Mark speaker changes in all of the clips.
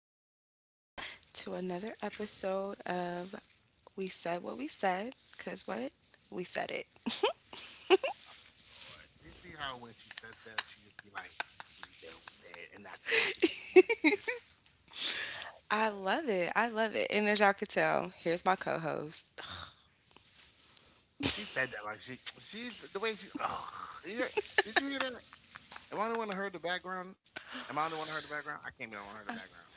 Speaker 1: guys, to another episode of We Said What We Said, because what? We said it.
Speaker 2: Lord. You see how when she says that, she just be like, we said," and that's basically what it is.
Speaker 1: I love it. I love it. And as y'all could tell, here's my co host.
Speaker 2: She said that like she's the way she. Oh, did you hear that? Am I the one that heard the background? Am I the one that heard the background? I can't be the one that heard the background.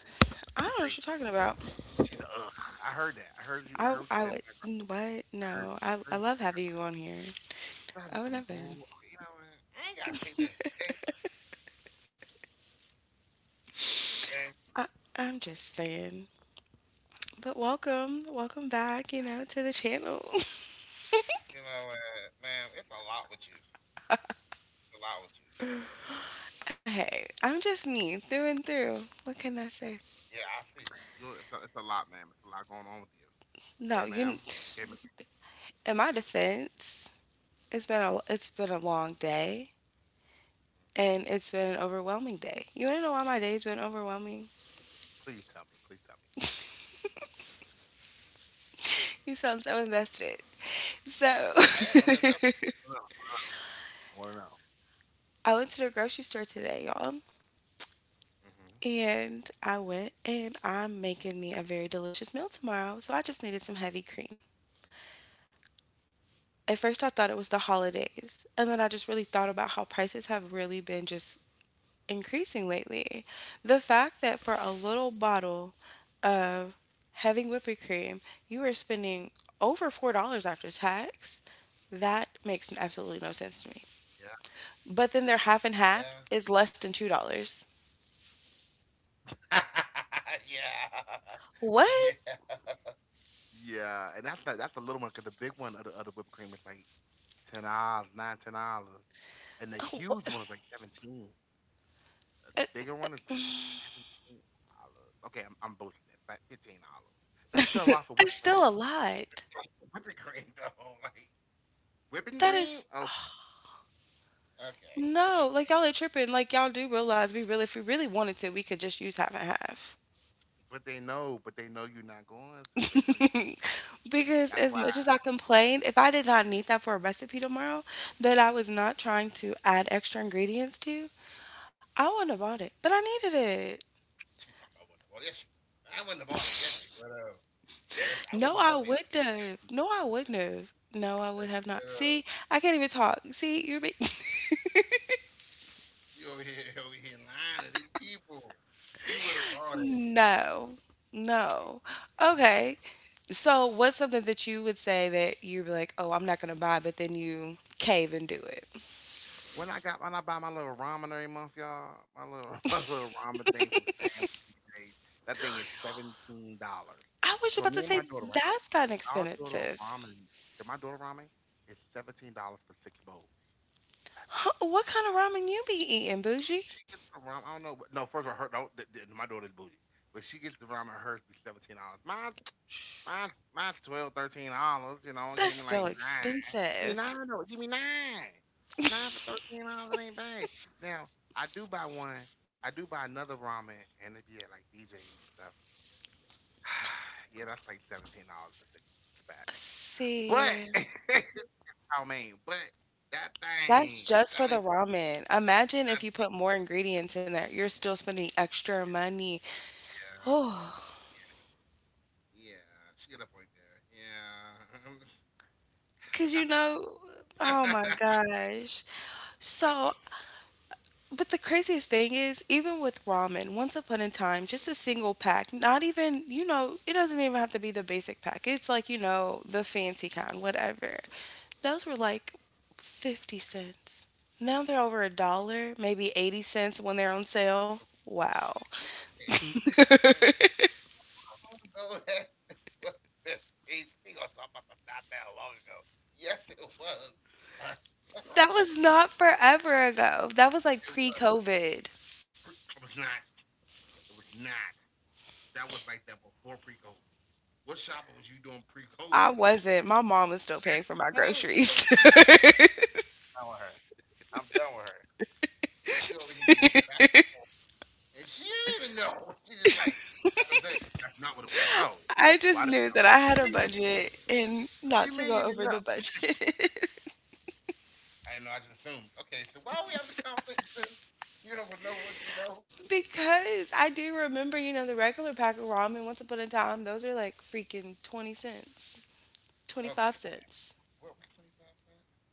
Speaker 1: I
Speaker 2: It's
Speaker 1: don't know
Speaker 2: crazy.
Speaker 1: what you're talking about.
Speaker 2: She's a. Ugh. I heard that. I heard you. I heard
Speaker 1: I,
Speaker 2: you say
Speaker 1: I
Speaker 2: the
Speaker 1: would,
Speaker 2: background.
Speaker 1: what?
Speaker 2: I heard you.
Speaker 1: No,
Speaker 2: I heard
Speaker 1: I love
Speaker 2: you.
Speaker 1: having you on here.
Speaker 2: That is
Speaker 1: I
Speaker 2: some
Speaker 1: would never.
Speaker 2: bull. Okay, you know what? I ain't gotta take this. Hey,
Speaker 1: I, I'm just saying. But welcome, welcome back, you know, to the channel.
Speaker 2: you know what, man? It's a lot with you. It's a lot with you.
Speaker 1: Hey, I'm just me through and through. What can I say?
Speaker 2: Yeah, I see you. It's a lot, man. It's a lot going on with you. Okay,
Speaker 1: No,
Speaker 2: ma'am.
Speaker 1: you.
Speaker 2: Okay, ma'am.
Speaker 1: In my defense, it's been a long day, and it's been an overwhelming day. You wanna know why my day's been overwhelming?
Speaker 2: Please tell me. Please tell me.
Speaker 1: You sound so invested. So
Speaker 2: I am. I'm invested. I wanna know. I want to know.
Speaker 1: I went to the grocery store today, y'all.
Speaker 2: Mm-hmm.
Speaker 1: And I went, and I'm making me a very delicious meal tomorrow. So I just needed some heavy cream. At first, I thought it was the holidays. And then I just really thought about how prices have really been just increasing lately. The fact that for a little bottle of heavy whipping cream, you are spending over $4 after tax, that makes absolutely no
Speaker 2: Yeah.
Speaker 1: sense to me. But then their half and half is less than $2.
Speaker 2: Yeah.
Speaker 1: What?
Speaker 2: Yeah. Yeah. Yeah, and that's like that's the little one because the big one of the other whipped cream is like $10, nine, $10, and the
Speaker 1: Oh,
Speaker 2: huge
Speaker 1: what?
Speaker 2: one is like 17. The bigger one is like $17. Okay, I'm boasting it. $15. That's still a lot for whipped
Speaker 1: It's
Speaker 2: cream. Though.
Speaker 1: still a lot.
Speaker 2: That's whipping cream though. Like whipping
Speaker 1: That
Speaker 2: cream?
Speaker 1: is
Speaker 2: Okay. Okay.
Speaker 1: no,
Speaker 2: Okay.
Speaker 1: like y'all are tripping. Like y'all do realize we really, if we really wanted to, we could just use half and half.
Speaker 2: But they know you're not going to. They know you. Not.
Speaker 1: Because
Speaker 2: That's
Speaker 1: as much
Speaker 2: why.
Speaker 1: as I complained, if I did not need that for a recipe tomorrow that I was not trying to add extra ingredients to, I wouldn't have bought it. But I needed it.
Speaker 2: She talking about what the ball. Yes, she would have. I wouldn't have bought it. Yes, she would have. Yes, I wouldn't
Speaker 1: No,
Speaker 2: have
Speaker 1: I
Speaker 2: bought that. I
Speaker 1: wouldn't
Speaker 2: wouldn't
Speaker 1: have.
Speaker 2: have
Speaker 1: No,
Speaker 2: bought
Speaker 1: I
Speaker 2: that.
Speaker 1: wouldn't have. No, I
Speaker 2: Yes,
Speaker 1: would
Speaker 2: yes,
Speaker 1: have
Speaker 2: she
Speaker 1: not.
Speaker 2: would have.
Speaker 1: See, I can't even talk. See, you're big.
Speaker 2: You over here, over here lying to these people. You would have bought it.
Speaker 1: No.
Speaker 2: Oh,
Speaker 1: No.
Speaker 2: all right.
Speaker 1: Okay. So, what's something that you would say that you'd be like, oh, I'm not going to buy, but then you cave and do it?
Speaker 2: When I got when I buy my little ramen every month, y'all, my little my little ramen thing from Sam's and BJ's, that thing is $17.
Speaker 1: I was
Speaker 2: For
Speaker 1: about
Speaker 2: me
Speaker 1: to
Speaker 2: and my
Speaker 1: say
Speaker 2: daughter, right?
Speaker 1: that's kind of
Speaker 2: Our daughter
Speaker 1: expensive.
Speaker 2: ramen, so my daughter ramen is $17 for 6 bowls.
Speaker 1: Huh, what kind of ramen you be eating, bougie?
Speaker 2: She gets the rum. I don't know. But no, first of all, her don't. My daughter's bougie, but she gets the rum and hers be $17. Mine, 12, $13. You know, give me
Speaker 1: That's
Speaker 2: like
Speaker 1: still
Speaker 2: nine. Give me
Speaker 1: expensive.
Speaker 2: nine. Though. Give me nine. Nine for $13. It ain't bad. Now I do buy one. I do buy another ramen, and it be at like BJ's and stuff. Yeah, that's like $17 for 6 packs. But
Speaker 1: See,
Speaker 2: I mean, but that
Speaker 1: that's
Speaker 2: thing,
Speaker 1: just for
Speaker 2: that
Speaker 1: the
Speaker 2: thing,
Speaker 1: ramen. Imagine if you put more ingredients in there, you're still spending extra money. Oh,
Speaker 2: yeah, she got a point there. Yeah.
Speaker 1: because you
Speaker 2: Look, I
Speaker 1: know,
Speaker 2: tried.
Speaker 1: oh my gosh. So,
Speaker 2: I tried.
Speaker 1: but the craziest thing is, even with ramen, once upon a time, just a single pack, not even, you know, it doesn't even have to be the basic pack. It's like, you know, the fancy kind, whatever. Those were like 50 cents. Now they're over a dollar, maybe 80 cents when they're on sale. Wow.
Speaker 2: She said 50 cents. Go ahead. What the- Hey, thing I to about some not that long ago. Yes, it was. Uh,
Speaker 1: That
Speaker 2: a
Speaker 1: was
Speaker 2: long
Speaker 1: not
Speaker 2: time.
Speaker 1: forever ago. That was like pre
Speaker 2: It was.
Speaker 1: COVID.
Speaker 2: It was not. It was not. That was like that before pre-COVID. What shopping was you doing
Speaker 1: I
Speaker 2: pre-COVID?
Speaker 1: wasn't. My mom was still paying for my
Speaker 2: Point
Speaker 1: groceries.
Speaker 2: you. Know, I'm done with her. I'm done with her. I'm done with her. You over here going back and forth. And she didn't even know. She just like, that's what I'm that's not what it was. Oh,
Speaker 1: I just knew
Speaker 2: well, I
Speaker 1: that
Speaker 2: didn't
Speaker 1: I
Speaker 2: know.
Speaker 1: had a
Speaker 2: What do you mean?
Speaker 1: budget and not
Speaker 2: What
Speaker 1: to
Speaker 2: do you
Speaker 1: go
Speaker 2: mean
Speaker 1: over
Speaker 2: you
Speaker 1: the
Speaker 2: didn't know?
Speaker 1: budget.
Speaker 2: I didn't know. I just assumed. Okay, so why are we having the conversation? You don't know what you know.
Speaker 1: Because I do remember, you know, the regular pack of ramen once upon a time, those are like freaking 20 cents, 25
Speaker 2: Okay,
Speaker 1: cents.
Speaker 2: what was 25 cent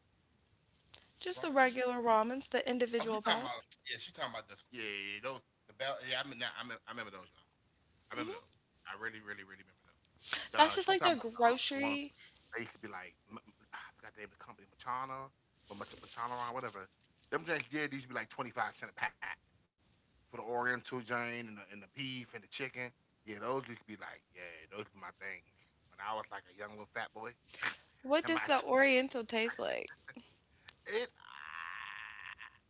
Speaker 1: Just the regular
Speaker 2: ramen?
Speaker 1: ramens, the individual
Speaker 2: Oh, you
Speaker 1: packs.
Speaker 2: talking about? Yeah, she talking about the yeah, yeah, yeah those the bell. Yeah, I mean, nah, I, mean, I remember those, y'all. I remember those. I really, really, really remember those.
Speaker 1: That's just
Speaker 2: Uh,
Speaker 1: like the
Speaker 2: she talking about the
Speaker 1: grocery.
Speaker 2: ones they used to be like, I forgot the name of the company, Machana, or Machana, or whatever. Them drinks, yeah, these used to be like 25 cent a pack. For the Oriental joint and the beef and the chicken. Yeah, those used to be like, yeah, those are my things. When I was like a young little fat boy,
Speaker 1: What does
Speaker 2: and
Speaker 1: the
Speaker 2: my
Speaker 1: Oriental taste like?
Speaker 2: it.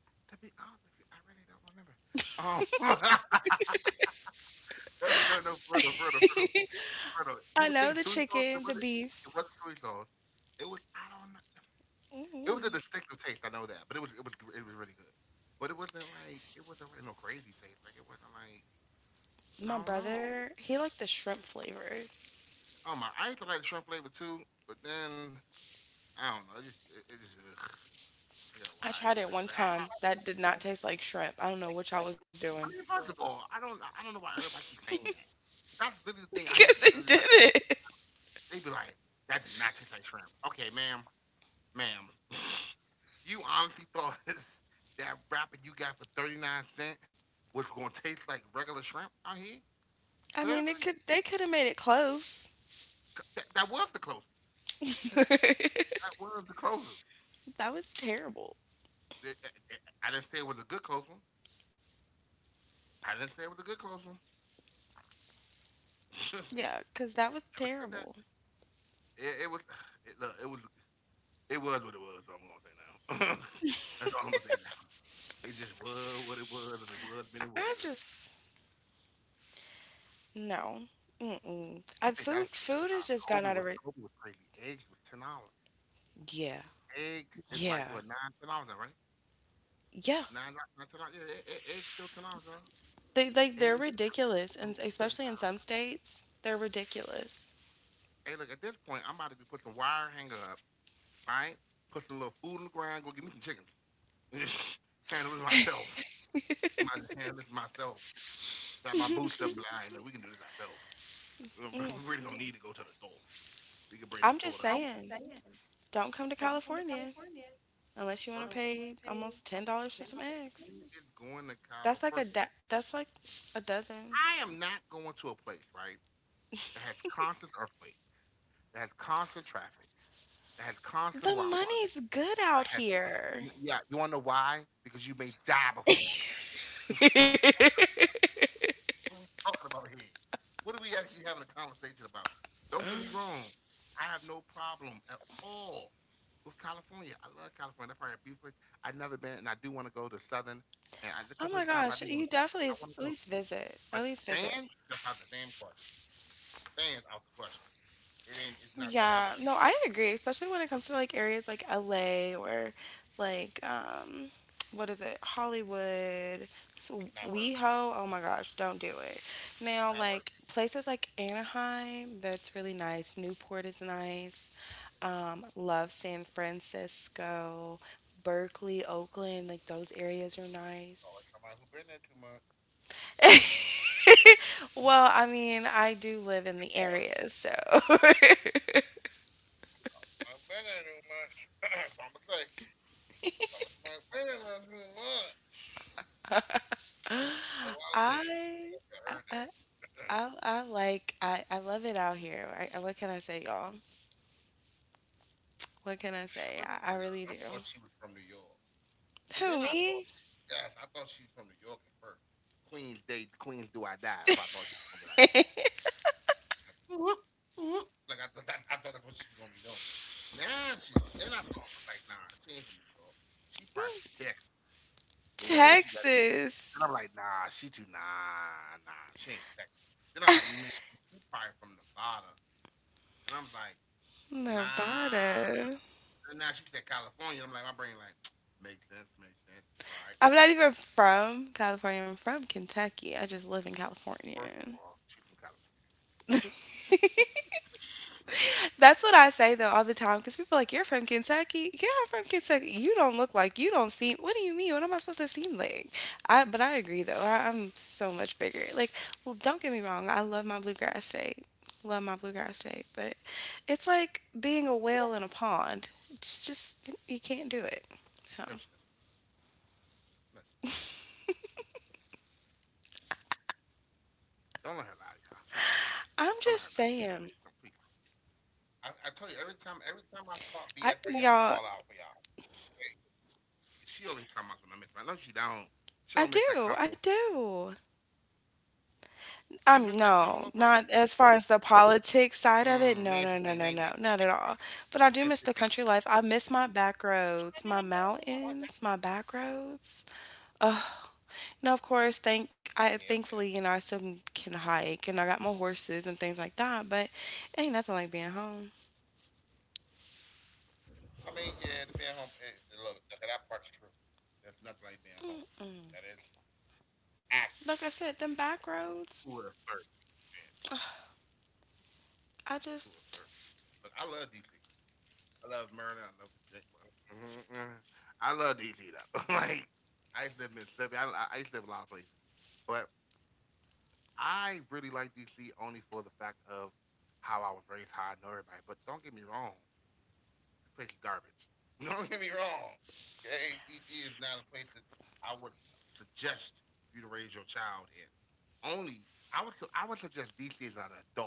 Speaker 2: To be honest with you, I really don't remember. Um, no, no, no, further, further.
Speaker 1: I
Speaker 2: You
Speaker 1: know
Speaker 2: would
Speaker 1: the
Speaker 2: think soy sauce,
Speaker 1: chicken,
Speaker 2: but
Speaker 1: the
Speaker 2: it wasn't.
Speaker 1: beef.
Speaker 2: It wasn't soy sauce. It was. I don't know. It was a distinctive taste. I know that, but it was. It was. It was really good. But it wasn't like. It wasn't like no crazy taste. Like it wasn't like.
Speaker 1: My
Speaker 2: I don't know.
Speaker 1: brother, he liked the shrimp flavor.
Speaker 2: Oh my, I used to like shrimp flavor too, but then I don't know. It just it just I got
Speaker 1: I
Speaker 2: why I got
Speaker 1: tried it
Speaker 2: weird.
Speaker 1: one
Speaker 2: Like
Speaker 1: time. That did not taste like shrimp. I don't know what all was doing.
Speaker 2: don't even like I don't know why everybody keeps saying that. That's literally the thing I hear
Speaker 1: Because
Speaker 2: from
Speaker 1: it
Speaker 2: everybody.
Speaker 1: didn't.
Speaker 2: They be like, "That did not taste like shrimp." Okay, ma'am, ma'am, you honestly thought that wrapper you got for 39 cent was gonna taste like regular shrimp out here?
Speaker 1: I mean, it
Speaker 2: Seriously?
Speaker 1: could. They could have made it close.
Speaker 2: That was the closest.
Speaker 1: That
Speaker 2: That was the closest.
Speaker 1: was terrible.
Speaker 2: I didn't say it was a good close one. I didn't say it was a good close one.
Speaker 1: Yeah, because
Speaker 2: Never
Speaker 1: that was
Speaker 2: said that.
Speaker 1: terrible.
Speaker 2: It was. It, look, it was. It was what it was. So I'm gonna say now. That's all I'm gonna say now. It just was what it was. If it was, then it
Speaker 1: I
Speaker 2: was.
Speaker 1: just no. Mm-mm. I
Speaker 2: You think
Speaker 1: food
Speaker 2: that's the
Speaker 1: food has just gotten out of re-
Speaker 2: Kobe was crazy. Eggs was $10.
Speaker 1: Yeah,
Speaker 2: Eggs is
Speaker 1: yeah,
Speaker 2: like what nine, $10, right?
Speaker 1: yeah.
Speaker 2: Nine ten dollars. Yeah, eggs still $10, bro.
Speaker 1: They like they're
Speaker 2: Eggs
Speaker 1: ridiculous, and
Speaker 2: still ten
Speaker 1: especially in some
Speaker 2: dollars.
Speaker 1: states, they're ridiculous.
Speaker 2: Hey, look at this point, I'm about to put some wire hanger up. All right, put some little food in the ground. Go get me some chickens. Handle it myself. My handle this myself. Got my boots up blind. Like, we can do this ourselves. We really need to go to the store. We can bring the
Speaker 1: I'm
Speaker 2: store
Speaker 1: just
Speaker 2: to
Speaker 1: saying, don't come to California unless you want to
Speaker 2: first
Speaker 1: pay almost $10 for some eggs.
Speaker 2: is going to Colorado.
Speaker 1: That's like a
Speaker 2: First.
Speaker 1: da- that's like a dozen.
Speaker 2: I am not going to a place, right, that has constant earthquakes, that has constant traffic, that has constant
Speaker 1: The
Speaker 2: wildfire,
Speaker 1: money's good
Speaker 2: that
Speaker 1: out
Speaker 2: has
Speaker 1: here.
Speaker 2: yeah, you wanna know why? Because you may die before you what are we talking about here? What are we actually having a conversation about? Don't get me wrong. I have no problem at all with California. I love California. That's probably a beautiful place. I've never been, and I do want to go to Southern. And I, the
Speaker 1: Oh
Speaker 2: couple of
Speaker 1: my
Speaker 2: California, I
Speaker 1: gosh,
Speaker 2: do want to.
Speaker 1: you
Speaker 2: I
Speaker 1: definitely
Speaker 2: want
Speaker 1: s-
Speaker 2: to go.
Speaker 1: at least visit.
Speaker 2: But
Speaker 1: At least visit.
Speaker 2: Stan, that's out the damn question. Stan out the question. It ain't. It's not that
Speaker 1: Yeah,
Speaker 2: evident.
Speaker 1: no, I agree, especially when it comes to like areas like LA or like what is it? Hollywood,
Speaker 2: It's
Speaker 1: so
Speaker 2: not worth.
Speaker 1: WeHo. Oh my gosh, don't do it.
Speaker 2: It. It's
Speaker 1: Now,
Speaker 2: not worth.
Speaker 1: like
Speaker 2: It.
Speaker 1: places like Anaheim, that's really nice. Newport is nice. Love San Francisco, Berkeley, Oakland, like those areas are
Speaker 2: It's like
Speaker 1: nice.
Speaker 2: somebody who been there too much.
Speaker 1: Well, I mean, I do live in
Speaker 2: Yeah,
Speaker 1: the area, so
Speaker 2: I've been there too much. So I'm gonna say. Tell us somebody who been there too much. The wild thing.
Speaker 1: I
Speaker 2: Yeah, I
Speaker 1: I
Speaker 2: heard
Speaker 1: I
Speaker 2: that.
Speaker 1: I like I love it out here. What can I say, y'all? What can I say?
Speaker 2: First of all,
Speaker 1: I
Speaker 2: y'all,
Speaker 1: really
Speaker 2: I
Speaker 1: do.
Speaker 2: thought she was from New York, and
Speaker 1: Who
Speaker 2: then I
Speaker 1: me?
Speaker 2: thought, she, yes, I thought she was from New York at first. Queens Day, Queens Do I Die. That's what I thought she was gonna be like. Like, like I, that, I thought that's what she was gonna be doing. Now she, then I thought was like, nah, she ain't from New York. She probably from Texas. You know, she got, and
Speaker 1: Texas,
Speaker 2: I'm like, nah, she too, she ain't from Texas. Then I was like, man, she probably from Nevada, and I'm like,
Speaker 1: Nevada.
Speaker 2: nah, and now she said California. I'm like, my brain like, makes sense, makes sense. Right,
Speaker 1: I'm not
Speaker 2: right,
Speaker 1: even
Speaker 2: right.
Speaker 1: from California. I'm from Kentucky. I just live in California.
Speaker 2: First of all, she's from California.
Speaker 1: That's what I say though all the time because people are like, you're from Kentucky? Yeah, I'm from Kentucky. You don't look like you don't seem what do you mean? What am I supposed to seem like? I but I agree though. I'm so much bigger. Like, well, don't get me wrong, I love my bluegrass state. Love my bluegrass state, but it's like
Speaker 2: No,
Speaker 1: being
Speaker 2: she
Speaker 1: a
Speaker 2: don't.
Speaker 1: whale in a pond. It's
Speaker 2: No, she don't.
Speaker 1: just you can't do it. So
Speaker 2: Don't let her lie to y'all. She don't. Don't let her lie to y'all. Don't, please. I tell you,
Speaker 1: I'm just
Speaker 2: every time I
Speaker 1: saying.
Speaker 2: start BS for y'all, I'ma call her out for y'all. Okay? 'Cause
Speaker 1: I
Speaker 2: she always talking
Speaker 1: y'all
Speaker 2: about something I miss. I know she don't. She don't miss that Commonwealth.
Speaker 1: I do, I
Speaker 2: You miss that
Speaker 1: do.
Speaker 2: Commonwealth life?
Speaker 1: No,
Speaker 2: Mm,
Speaker 1: not
Speaker 2: name
Speaker 1: as far
Speaker 2: something.
Speaker 1: as the
Speaker 2: Name, something.
Speaker 1: politics
Speaker 2: About
Speaker 1: side of it.
Speaker 2: it, name,
Speaker 1: No, no,
Speaker 2: something.
Speaker 1: no, no, no, not at all. But I do miss the country life. I miss my back roads, my mountains, my back roads. Ugh.
Speaker 2: Yeah,
Speaker 1: Now, of
Speaker 2: okay,
Speaker 1: course,
Speaker 2: that's some shit.
Speaker 1: thankfully, you know, I still can hike and I got my horses and things like that. But it ain't nothing like being home.
Speaker 2: I mean, yeah, the being home. Look, look, that part's true. There's nothing like being home. That is
Speaker 1: Mm,
Speaker 2: accurate
Speaker 1: like I said, them back
Speaker 2: to a
Speaker 1: roads.
Speaker 2: certain extent. To a certain extent. Look, I love
Speaker 1: I
Speaker 2: DC.
Speaker 1: just
Speaker 2: I love Maryland. I love Virginia. Mhm, mhm. I love DC though. like, I used to live in Mississippi. I used to live in a lot of places, but I really like DC only for the fact of how I was raised, how I know everybody. But don't get me wrong. This place is garbage. Don't get me wrong. Okay, DC is not a place that I would suggest you to raise your child in. Only I would suggest DC is an adult place,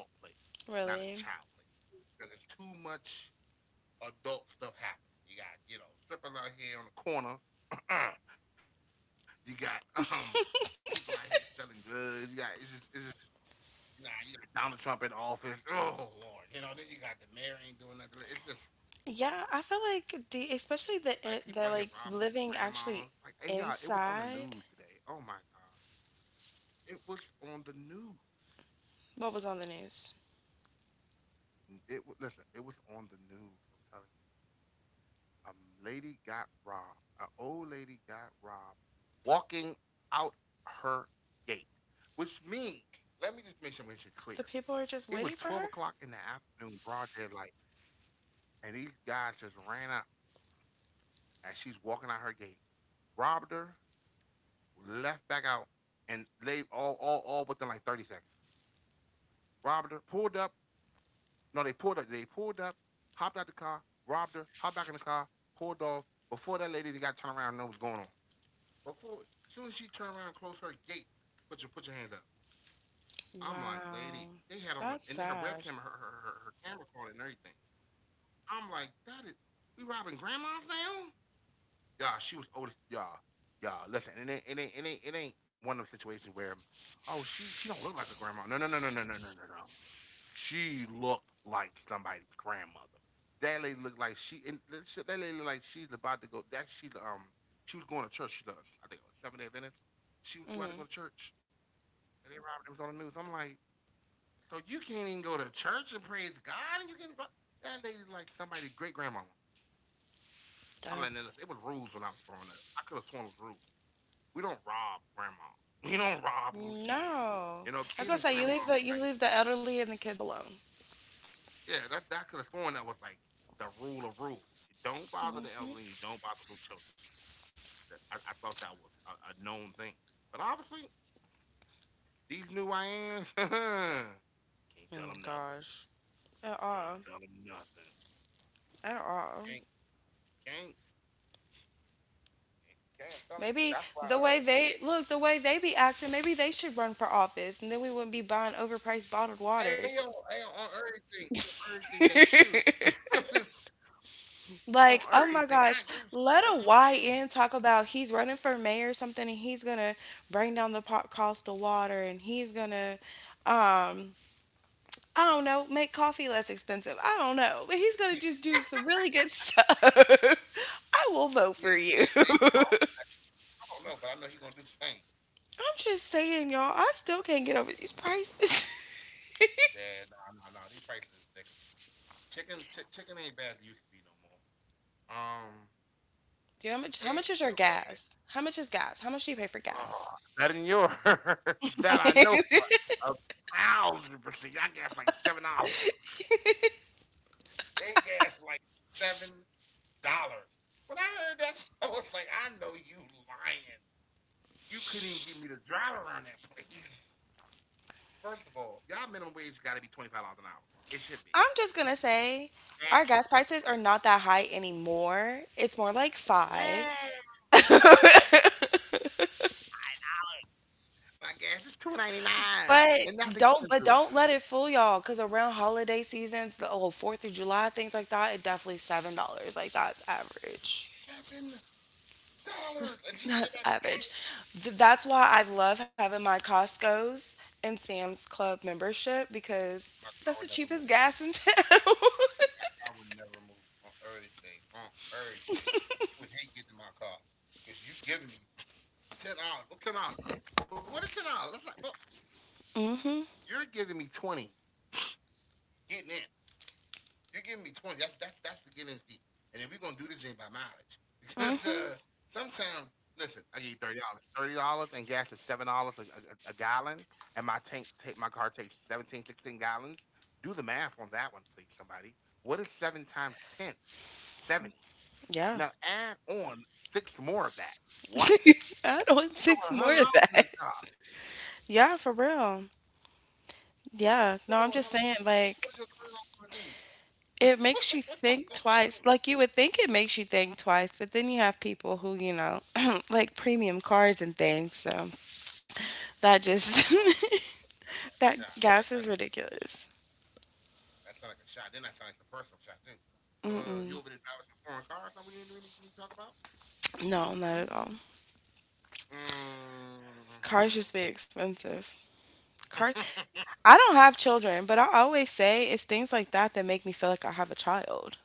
Speaker 2: not a child
Speaker 1: really,
Speaker 2: place. Because there's too much adult stuff happening. You got strippers out here on the corners. You got people out here selling drugs. You got it's just you got Donald Trump in office. Oh lord, you know, then you got the mayor ain't doing nothing. It's just
Speaker 1: yeah. I
Speaker 2: like
Speaker 1: feel
Speaker 2: people out here
Speaker 1: like,
Speaker 2: robbing people,
Speaker 1: especially the
Speaker 2: grandmamas.
Speaker 1: eh,
Speaker 2: Like,
Speaker 1: the
Speaker 2: hey
Speaker 1: like
Speaker 2: y'all, it was on
Speaker 1: living
Speaker 2: the news
Speaker 1: actually
Speaker 2: today. Oh my god,
Speaker 1: inside.
Speaker 2: it was on the news.
Speaker 1: What was on the news?
Speaker 2: Listen, it was on the news. I'm telling you, a lady got robbed. An old lady got robbed walking out her gate, which means let me just make sure this is
Speaker 1: The
Speaker 2: clear.
Speaker 1: people are just
Speaker 2: It was
Speaker 1: waiting for
Speaker 2: 12
Speaker 1: her?
Speaker 2: o'clock in the afternoon, broad daylight, and these guys just ran up as she's walking out her gate, robbed her, left back out and laid all within like 30 seconds. Robbed her, pulled up. No, they pulled up. They pulled up, hopped out the car, robbed her, hopped back in the car, pulled off. Before that lady they got turned around and know what's going on. Before, as soon as she turned around and closed her gate, put your hands up. I'm like,
Speaker 1: Wow.
Speaker 2: lady, they had on a,
Speaker 1: That's
Speaker 2: and her
Speaker 1: sad.
Speaker 2: webcam, her camera card and everything. I'm like, that is, we robbing grandma's now? Y'all, she was oldest. Y'all, y'all, listen. It ain't one of those situations where, oh, she don't look like a grandma. No, no, no, no, no, no, no, no, no. She looked like somebody's grandmother. That lady looked like she, and that lady looked like she's about to go. That she was going to church. She's I think, it was Seventh Day Adventist. She was about to go to
Speaker 1: Mm,
Speaker 2: church, and they robbed. It was on the news. I'm like, so you can't even go to church and praise God, and you can. That lady like somebody's great grandmama. I'm like, it was
Speaker 1: that's
Speaker 2: rules when I was growing up. I could have sworn it was rules. We don't rob grandma. We don't rob little kids.
Speaker 1: no.
Speaker 2: You know, kids
Speaker 1: That's
Speaker 2: and
Speaker 1: what I was about to say.
Speaker 2: grandmas was
Speaker 1: You
Speaker 2: like,
Speaker 1: leave the elderly and the kids alone.
Speaker 2: yeah, that, that could have sworn that was like the rule of rules. You don't bother the
Speaker 1: Mm,
Speaker 2: elderly, you don't bother little children. That- I thought that was a known thing. But obviously, these new Ians can't tell them nothing.
Speaker 1: at all.
Speaker 2: Can't tell them nothing.
Speaker 1: At all.
Speaker 2: Can't can't can't tell you.
Speaker 1: Maybe
Speaker 2: That's why
Speaker 1: the way they look, the way they be acting, maybe they should run for office, and then we wouldn't be buying overpriced bottled
Speaker 2: Ayo, Ayo,
Speaker 1: waters.
Speaker 2: on everything they should. On
Speaker 1: Like, oh
Speaker 2: everything.
Speaker 1: my
Speaker 2: I agree
Speaker 1: gosh,
Speaker 2: with you. I'm
Speaker 1: let
Speaker 2: just
Speaker 1: a
Speaker 2: saying. That.
Speaker 1: YN talk about he's running for mayor or something, and he's gonna bring down the pot cost of water, and he's gonna, um, I don't know, make coffee less expensive. I don't know, but he's gonna just do some really good stuff. I will vote for you. I'm
Speaker 2: I don't know, but I know he's gonna do some things.
Speaker 1: just saying, y'all. I still can't get over these prices.
Speaker 2: Yeah, nah, nah, nah. These prices is ridiculous. Chicken, chicken ain't bad as it used to be no more. Um,
Speaker 1: Do you know how much? How
Speaker 2: Eggs
Speaker 1: much is
Speaker 2: still
Speaker 1: your
Speaker 2: bad.
Speaker 1: gas? How much is gas? How much do you pay for
Speaker 2: Ugh,
Speaker 1: gas?
Speaker 2: better than yours. That I know for 1,000%. I guess like $7. They gas like $7. When I heard that, I was like, I know you lying. You couldn't even give me the drive around that place. First of all, y'all minimum wage got to be $25 an hour. It should be.
Speaker 1: I'm just gonna say, our
Speaker 2: Gas is
Speaker 1: gas
Speaker 2: seven.
Speaker 1: prices are not that high anymore. It's more like
Speaker 2: Yeah.
Speaker 1: five.
Speaker 2: My gas is 2.99,
Speaker 1: But
Speaker 2: and that's expensive.
Speaker 1: don't let it fool y'all, all cause around holiday seasons, the oh, 4th of July, things like that, it definitely $7. Like that's average.
Speaker 2: $7, and she said
Speaker 1: That's
Speaker 2: that's average.
Speaker 1: average. Th- that's why I love having my Costco's and Sam's Club membership because
Speaker 2: My car
Speaker 1: that's the
Speaker 2: would never move.
Speaker 1: cheapest gas in town.
Speaker 2: I would never move on everything. On everything, you would hate getting in my car because you giving me $10. Well, $10, but what is $10? That's like, well, you're giving me 20. Getting in. You're giving me 20. That's the get in fee. And if we're gonna do this thing by mileage, because
Speaker 1: Hmm hmm.
Speaker 2: sometimes listen, I give you $30, $30, and gas is $7 a gallon, and my car takes 17, 16 gallons. Do the math on that one, please, somebody. What is seven times 10? 70. Now
Speaker 1: Yeah.
Speaker 2: add on six more of that. What?
Speaker 1: I don't
Speaker 2: Put
Speaker 1: want
Speaker 2: over a
Speaker 1: six
Speaker 2: hundred
Speaker 1: more
Speaker 2: dollars
Speaker 1: of
Speaker 2: in the
Speaker 1: that.
Speaker 2: car.
Speaker 1: Yeah, for real. Yeah.
Speaker 2: Put over a
Speaker 1: No,
Speaker 2: hundred
Speaker 1: I'm just
Speaker 2: dollars.
Speaker 1: saying,
Speaker 2: What is
Speaker 1: like,
Speaker 2: your $20 gonna do?
Speaker 1: it
Speaker 2: What's your
Speaker 1: makes you
Speaker 2: $20
Speaker 1: think
Speaker 2: gonna do?
Speaker 1: twice. Like you would think it makes you think twice, but then you have people who, you know, like premium cars and things. So that just
Speaker 2: Oh,
Speaker 1: that
Speaker 2: shot.
Speaker 1: gas is ridiculous.
Speaker 2: That sounds like a shot. Then that sounds like a personal shot too. So you
Speaker 1: Mm-mm.
Speaker 2: over there driving some foreign cars? Something you need to talk about?
Speaker 1: No, not
Speaker 2: Hmm?
Speaker 1: at all.
Speaker 2: Mm-hmm.
Speaker 1: Cars just be expensive. Car I don't have children, but I always say it's things like that that make me feel like I have a child.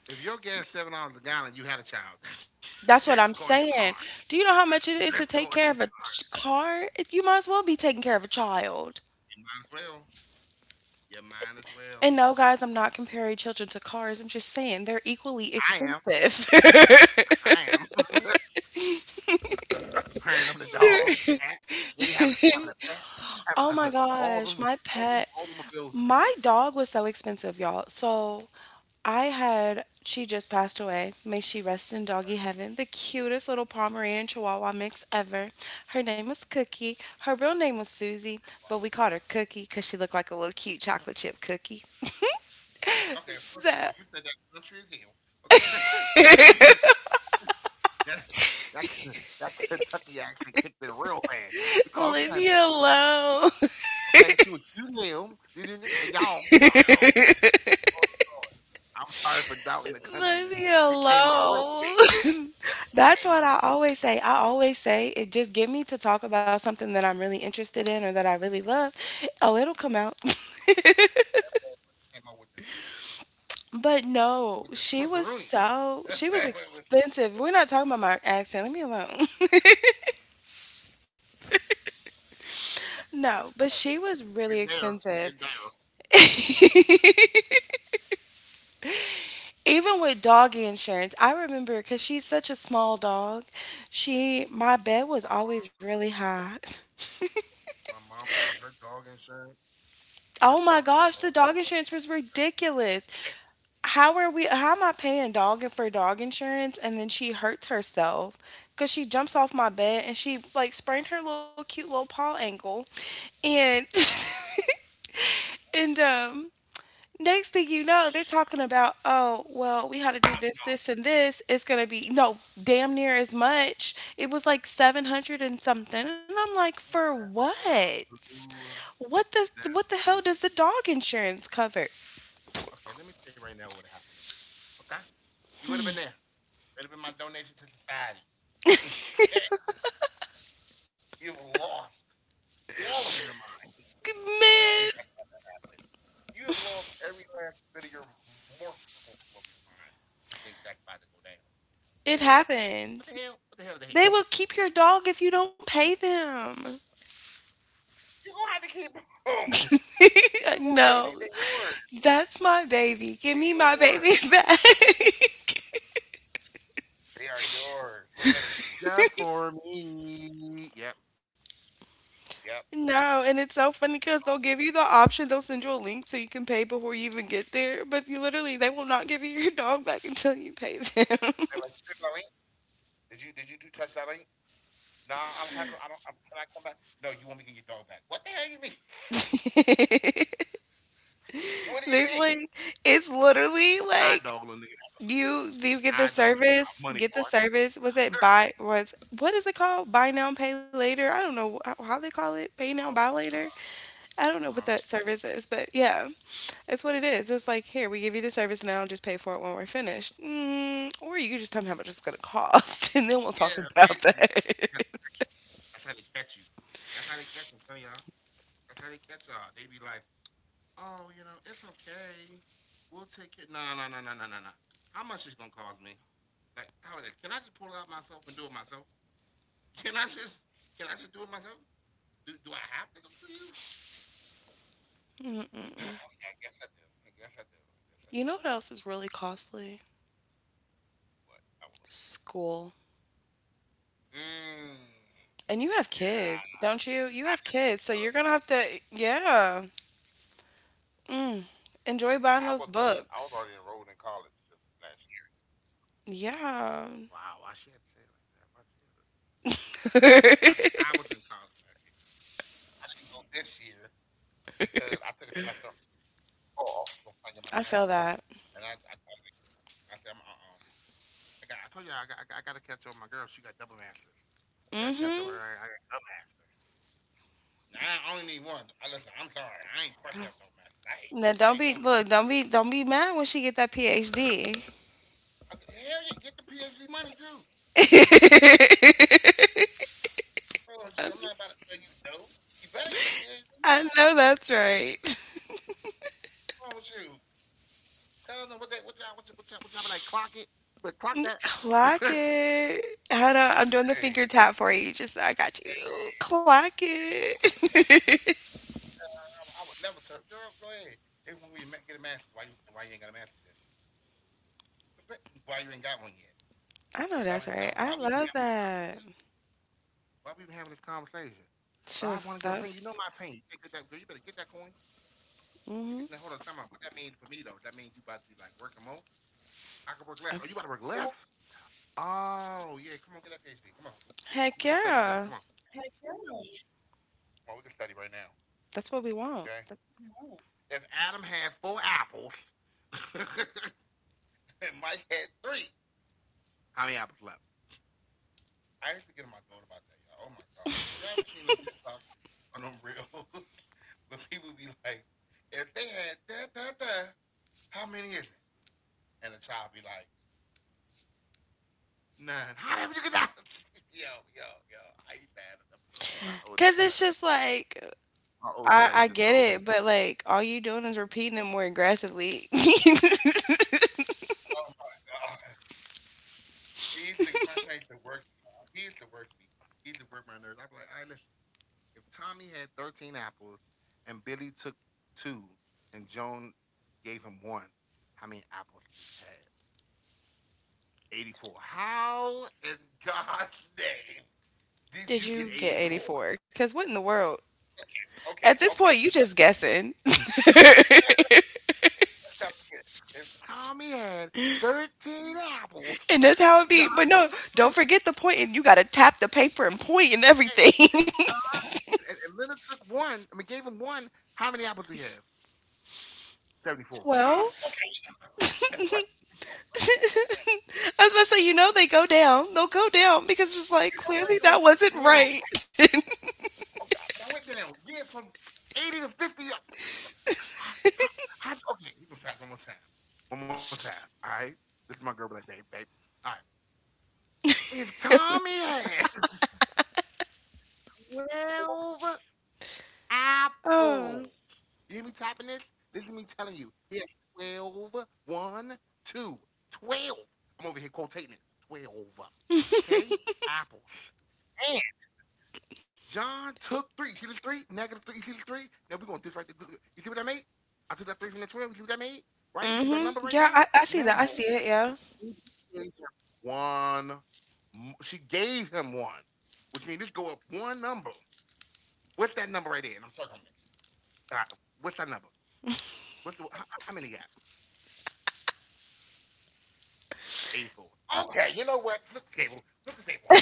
Speaker 2: If your gas $7 a gallon, you had a child. Let's
Speaker 1: That's what
Speaker 2: call
Speaker 1: I'm
Speaker 2: your car.
Speaker 1: saying. Do you know how much it
Speaker 2: Let's
Speaker 1: is
Speaker 2: call
Speaker 1: to
Speaker 2: it.
Speaker 1: take
Speaker 2: You
Speaker 1: care of a ch- car? It- you might as well be taking care of a child.
Speaker 2: might as well. You might as
Speaker 1: And
Speaker 2: well.
Speaker 1: no, guys, I'm not comparing children to cars. I'm just saying they're equally
Speaker 2: I am.
Speaker 1: expensive.
Speaker 2: I am. The parent of the dogs, cats, maybe having a pet.
Speaker 1: Oh my
Speaker 2: all
Speaker 1: gosh,
Speaker 2: them,
Speaker 1: my pet,
Speaker 2: all them bills.
Speaker 1: my dog was so expensive, y'all. So I had, she just passed away. May she rest in doggy heaven. The cutest little Pomeranian Chihuahua mix ever. Her name was Cookie. Her real name was Susie, but we called her Cookie because she looked like a little cute chocolate chip cookie.
Speaker 2: Okay, first
Speaker 1: So
Speaker 2: of all, you said that country is hell. Okay. That that that Kentucky actually kicked it real fast. We call
Speaker 1: leave
Speaker 2: it
Speaker 1: me
Speaker 2: country.
Speaker 1: alone.
Speaker 2: Okay, she was accused him, and and y'all, I was like, oh, hold on. I'm sorry for doubting the countryness.
Speaker 1: Leave me
Speaker 2: It came out real quick.
Speaker 1: alone.
Speaker 2: That thing
Speaker 1: That's
Speaker 2: came
Speaker 1: what
Speaker 2: out
Speaker 1: I
Speaker 2: with
Speaker 1: always say. I always say, it just get me to talk about something that I'm really interested in or that I really love. Oh, it'll come out.
Speaker 2: Came out with the with the
Speaker 1: But
Speaker 2: Swifferoonie.
Speaker 1: no, she was
Speaker 2: That was-
Speaker 1: so, she was expensive. We're not talking about my accent. Leave me alone.
Speaker 2: I'm just letting people
Speaker 1: No,
Speaker 2: know.
Speaker 1: but she was
Speaker 2: It's
Speaker 1: really
Speaker 2: there. It's
Speaker 1: expensive.
Speaker 2: there.
Speaker 1: Even with doggy insurance, I remember because she's such a small dog, she, my bed
Speaker 2: Oh,
Speaker 1: was always really high.
Speaker 2: my mom told me her dog insurance for
Speaker 1: Oh
Speaker 2: her
Speaker 1: my
Speaker 2: dog because
Speaker 1: gosh,
Speaker 2: her
Speaker 1: the
Speaker 2: mom got.
Speaker 1: dog insurance was ridiculous.
Speaker 2: $1,000
Speaker 1: How are we? How am I paying dog for dog insurance? And then she hurts herself because she jumps off my bed and she like sprained her little cute little paw ankle, and and. Next thing you know, they're talking about, oh, well, we had to do this, this, and this. It's going to be, no, damn near as much. It was like 700 and something. And I'm like, for what?
Speaker 2: a Blue
Speaker 1: What the hell
Speaker 2: Exactly.
Speaker 1: does the dog insurance cover?
Speaker 2: Okay, let me tell you right now what would have happened to you. Okay? You would have been there. It would have been my donation to society. Okay? You have lost all of your mind to
Speaker 1: Man,
Speaker 2: think that that happened. You have lost every last bit of your morsel of your mind to think that's about to go down. What the hell?
Speaker 1: it
Speaker 2: What the hell? What the
Speaker 1: happened.
Speaker 2: hell? The hell?
Speaker 1: They will keep your dog if you don't pay them.
Speaker 2: You're going to have to keep them. You going to,
Speaker 1: No,
Speaker 2: they're yours.
Speaker 1: that's my baby.
Speaker 2: They're
Speaker 1: Give me my
Speaker 2: yours.
Speaker 1: baby back.
Speaker 2: They are yours. What is like, just for me. Yep. Yep.
Speaker 1: No, and it's so funny because
Speaker 2: Oh,
Speaker 1: they'll give you the option, they'll send you a link so you can pay before you even get there, but you literally, they will not give you your dog back until you pay them.
Speaker 2: they're like, did you do touch that link? No, I will have her. I don't. I'm, can I come back? No, you want me to get your dog back? What the hell you mean? What do you
Speaker 1: There's like,
Speaker 2: mean?
Speaker 1: it's
Speaker 2: It's
Speaker 1: literally
Speaker 2: eye dog,
Speaker 1: like,
Speaker 2: little nigga.
Speaker 1: You
Speaker 2: It's
Speaker 1: you
Speaker 2: eye
Speaker 1: get the
Speaker 2: dog. So we get our money,
Speaker 1: service,
Speaker 2: boy.
Speaker 1: get the service. Was what is it called? Buy now, pay later. I don't know how they call it. Pay now, buy
Speaker 2: Oh my
Speaker 1: later.
Speaker 2: god.
Speaker 1: I don't know what
Speaker 2: Uh
Speaker 1: that
Speaker 2: huh.
Speaker 1: service is, but yeah, it's what it is. It's like, here we give you the service now, just pay for it when we're finished. Or you could just tell me how much it's gonna cost, and then we'll talk
Speaker 2: Yeah,
Speaker 1: about
Speaker 2: basically.
Speaker 1: that.
Speaker 2: That's how they catch you. That's how they catch you. That's how they catch them, son y'all. That's how they catch y'all. They be like, oh, you know, it's okay. We'll take it. No, no, no, no, no, no, no. How much is gonna cost me? Like, how is it? Can I just pull it out myself and do it myself? Can I just? Can I just do it myself? Do I have to go through you? I guess I do. I guess I do. I guess I
Speaker 1: You
Speaker 2: do.
Speaker 1: know what else is really costly?
Speaker 2: What? I will.
Speaker 1: School.
Speaker 2: Mm,
Speaker 1: And you have
Speaker 2: yeah,
Speaker 1: kids, don't you? You have
Speaker 2: I just
Speaker 1: kids, so you're
Speaker 2: look,
Speaker 1: gonna have to, yeah.
Speaker 2: listen.
Speaker 1: Mm,
Speaker 2: I was
Speaker 1: enjoy
Speaker 2: already
Speaker 1: buying
Speaker 2: enrolled
Speaker 1: those
Speaker 2: in college just
Speaker 1: books.
Speaker 2: last year. Wow, why she
Speaker 1: Yeah.
Speaker 2: had to say it like that? Why she had to say it like that? I said I was in college
Speaker 1: I
Speaker 2: last year. I didn't go this year because I took a semester off from trying to get my master's,
Speaker 1: feel that.
Speaker 2: and I said I'm I told you I got to catch up with my girl. She got double masters. I got to catch up with her.
Speaker 1: Mm-hmm.
Speaker 2: I got double master. Nah, I only need one. I listen. I'm sorry. I ain't pressed up no message. I
Speaker 1: Now,
Speaker 2: ain't. I
Speaker 1: don't
Speaker 2: ain't
Speaker 1: be
Speaker 2: going.
Speaker 1: look, don't be mad when she get that PhD.
Speaker 2: Okay, hell yeah, get the PhD money too. Get the PhD money with you. I'm not about to tell you no. You better get the PhD
Speaker 1: I
Speaker 2: money. What's
Speaker 1: know that's right.
Speaker 2: wrong with you? Tell them what they what y'all be like clock it, but clock that. Hey, hey,
Speaker 1: Clock it. Hold on, I'm doing the finger tap for you. Just so I got you.
Speaker 2: there
Speaker 1: Clock
Speaker 2: you go.
Speaker 1: it.
Speaker 2: I, I would never tell girl. Go ahead. They want me to get a master's. Why you ain't got a master's yet? Why you ain't got one yet?
Speaker 1: I know
Speaker 2: Why would you
Speaker 1: that's
Speaker 2: come?
Speaker 1: right.
Speaker 2: Why
Speaker 1: I
Speaker 2: we even have
Speaker 1: love
Speaker 2: any
Speaker 1: that.
Speaker 2: conversation? Why we even having this conversation? Well,
Speaker 1: Sure.
Speaker 2: I wanted your
Speaker 1: That.
Speaker 2: opinion. You know my opinion. You better get that, girl, you better get that coin. You
Speaker 1: Hmm.
Speaker 2: get, now, hold on, time out. What that mean for me, though? That mean you about to be like working more? I can work less. Oh, you about to work less? Oh, yeah. Come on, get that PhD. Come on. We can
Speaker 1: Heck
Speaker 2: study together. Come on.
Speaker 1: yeah.
Speaker 2: Come on, we can study right now.
Speaker 1: That's what we want.
Speaker 2: Okay? If Adam had 4 apples and Mike had three, how many apples left? I used to get on my throat about that, y'all. Oh, my God. If y'all ever seen them TikToks on them reels? When people be like, if they had da da da, how many is it? And the child be like, none. How the hell you get out? Yo, yo, yo. I used to have an episode with my
Speaker 1: Cause
Speaker 2: oldest
Speaker 1: it's
Speaker 2: son.
Speaker 1: just like
Speaker 2: My oldest
Speaker 1: I
Speaker 2: son
Speaker 1: I
Speaker 2: used to
Speaker 1: get
Speaker 2: throw me.
Speaker 1: it, but, like, all you doing is repeating it more aggressively.
Speaker 2: Oh my god. He used to my son used to work me. He used to work me. He used to work my nerves. I'd be like, all right, listen. If Tommy had 13 apples and Billy took two and Joan gave him one, how many apples do we have? 84. How in God's name did you
Speaker 1: Did
Speaker 2: get
Speaker 1: you get
Speaker 2: 84?
Speaker 1: 84? Because what in the world? At
Speaker 2: Okay,
Speaker 1: this point,
Speaker 2: okay,
Speaker 1: you
Speaker 2: let's
Speaker 1: just guessing.
Speaker 2: trying to forget. If Tommy had 13 apples,
Speaker 1: And that's how it be.
Speaker 2: John
Speaker 1: But no,
Speaker 2: took
Speaker 1: don't
Speaker 2: three,
Speaker 1: forget the point, and you gotta tap the paper and point and
Speaker 2: okay,
Speaker 1: everything.
Speaker 2: and, John, and Leonard took one, I mean, gave him one, how many apples do you have? 74. How the fuck?
Speaker 1: 12?
Speaker 2: Okay, you know what? You know what? You know what?
Speaker 1: I was about to say, they go down. They'll go down because it's like
Speaker 2: You know where it
Speaker 1: clearly that wasn't
Speaker 2: goes down.
Speaker 1: right.
Speaker 2: Right? Okay, but I went down. Yeah, from 80 to 50. How, okay, we're going to try it one more time. One more time, all right? This is my girl, like, babe, babe. All right. If Tommy had apples.
Speaker 1: Oh.
Speaker 2: You hear me tapping this? This is me telling you. He has 12, 1, 2, 12. I'm over here quotating it. 12. Okay? Apples. And John took three. See this three? Negative three. You see this three? Now we're going to do this right there. You see what I made? I took that three from the 12. You see what I made? Right? You see that
Speaker 1: Mm-hmm.
Speaker 2: number right
Speaker 1: Yeah,
Speaker 2: there?
Speaker 1: I see
Speaker 2: Now,
Speaker 1: that. I see it. Yeah.
Speaker 2: one. She gave him one, which means this go up one number. What's that number right there? And I'm sorry, Uh, what's that number? How many you got? 84. Okay, you know what? Flip the table. Flip the table.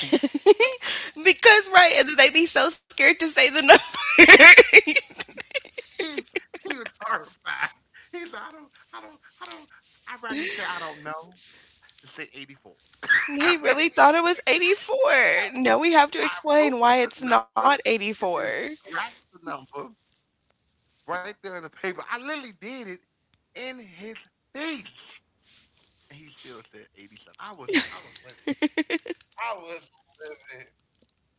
Speaker 2: Flip.
Speaker 1: Because right, and then they be so scared to say the number.
Speaker 2: He he was horrified. He's like, I don't, I don't, I don't. I'd rather you say I don't know than say 84.
Speaker 1: He
Speaker 2: I'd rather
Speaker 1: really
Speaker 2: you
Speaker 1: thought it was 84. No, we have to
Speaker 2: I
Speaker 1: explain
Speaker 2: wrote
Speaker 1: why
Speaker 2: the
Speaker 1: it's not
Speaker 2: number and
Speaker 1: 84.
Speaker 2: then scratched the number right there in the paper. I literally did it in his face. And he still said 80 something. I was livid. I was livid.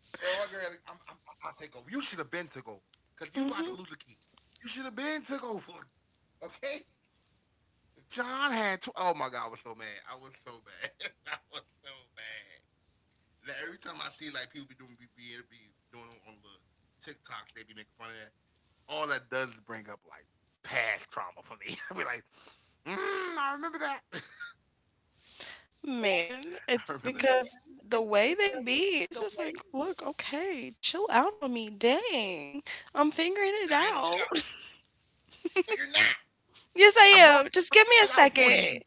Speaker 2: Yo, my girl, I'll take over. You should have been took over because you about to
Speaker 1: Hmm.
Speaker 2: lose the kid. You should have been took over. Okay? If John had, oh my God, I was so mad. I was so bad. I was so bad. Now, every time I see like people be doing on the TikToks, they be making fun of that. All that does is bring up like past trauma for me. I be like, I remember that.
Speaker 1: Man,
Speaker 2: I
Speaker 1: it's
Speaker 2: remember.
Speaker 1: because the way they be, it's just like, look, okay, chill out on me. Dang, I'm figuring
Speaker 2: Now,
Speaker 1: it
Speaker 2: I ain't no
Speaker 1: out.
Speaker 2: child. But you're not.
Speaker 1: Yes,
Speaker 2: I
Speaker 1: I
Speaker 2: wrote it
Speaker 1: am.
Speaker 2: out
Speaker 1: Just
Speaker 2: for
Speaker 1: give me
Speaker 2: you.
Speaker 1: a second.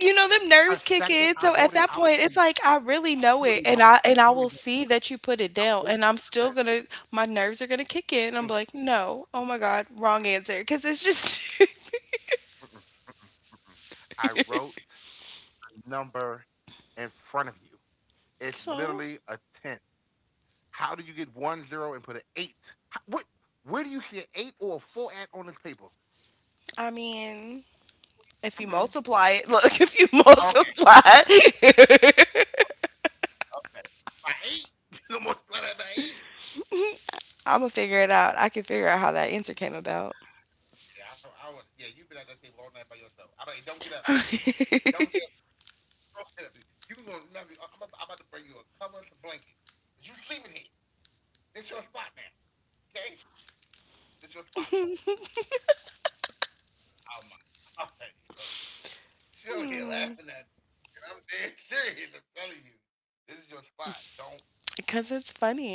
Speaker 1: You
Speaker 2: A
Speaker 1: know, them
Speaker 2: second,
Speaker 1: nerves
Speaker 2: I
Speaker 1: kick
Speaker 2: wrote it
Speaker 1: in,
Speaker 2: out
Speaker 1: so at
Speaker 2: for you.
Speaker 1: that point, it's like, I
Speaker 2: You don't
Speaker 1: really
Speaker 2: even know.
Speaker 1: know it, and
Speaker 2: You don't even
Speaker 1: I and
Speaker 2: know.
Speaker 1: I will see that you put
Speaker 2: Wrote
Speaker 1: it
Speaker 2: the
Speaker 1: down, and
Speaker 2: number
Speaker 1: I'm still gonna my nerves are gonna kick
Speaker 2: 10. Mm,
Speaker 1: in. I'm like, "No, oh my god, wrong answer," cause it's just
Speaker 2: mm-mm, mm-mm, mm-mm. I wrote the number in front of you. It's
Speaker 1: so,
Speaker 2: literally a 10. How do you get 10 and put an eight? Where do you see an eight or a four at on this paper?
Speaker 1: I mean, if you multiply it, look, if you
Speaker 2: Okay,
Speaker 1: multiply
Speaker 2: okay. By eight? You almost played that by eight?
Speaker 1: Imma figure it out. I can figure out how that answer came about.
Speaker 2: Yeah, I would. Yeah, you've been at that table all night by yourself. I don't get up, even. Don't get up. Don't get up. You can go. I'm about to bring you a cover and a blanket. 'Cause you sleeping here. This your spot now. Okay? This your spot now. Oh my god, yo. She over here laughing at me. And I'm dead serious. I'm telling you.
Speaker 1: Because
Speaker 2: This is
Speaker 1: it's
Speaker 2: your spot.
Speaker 1: funny.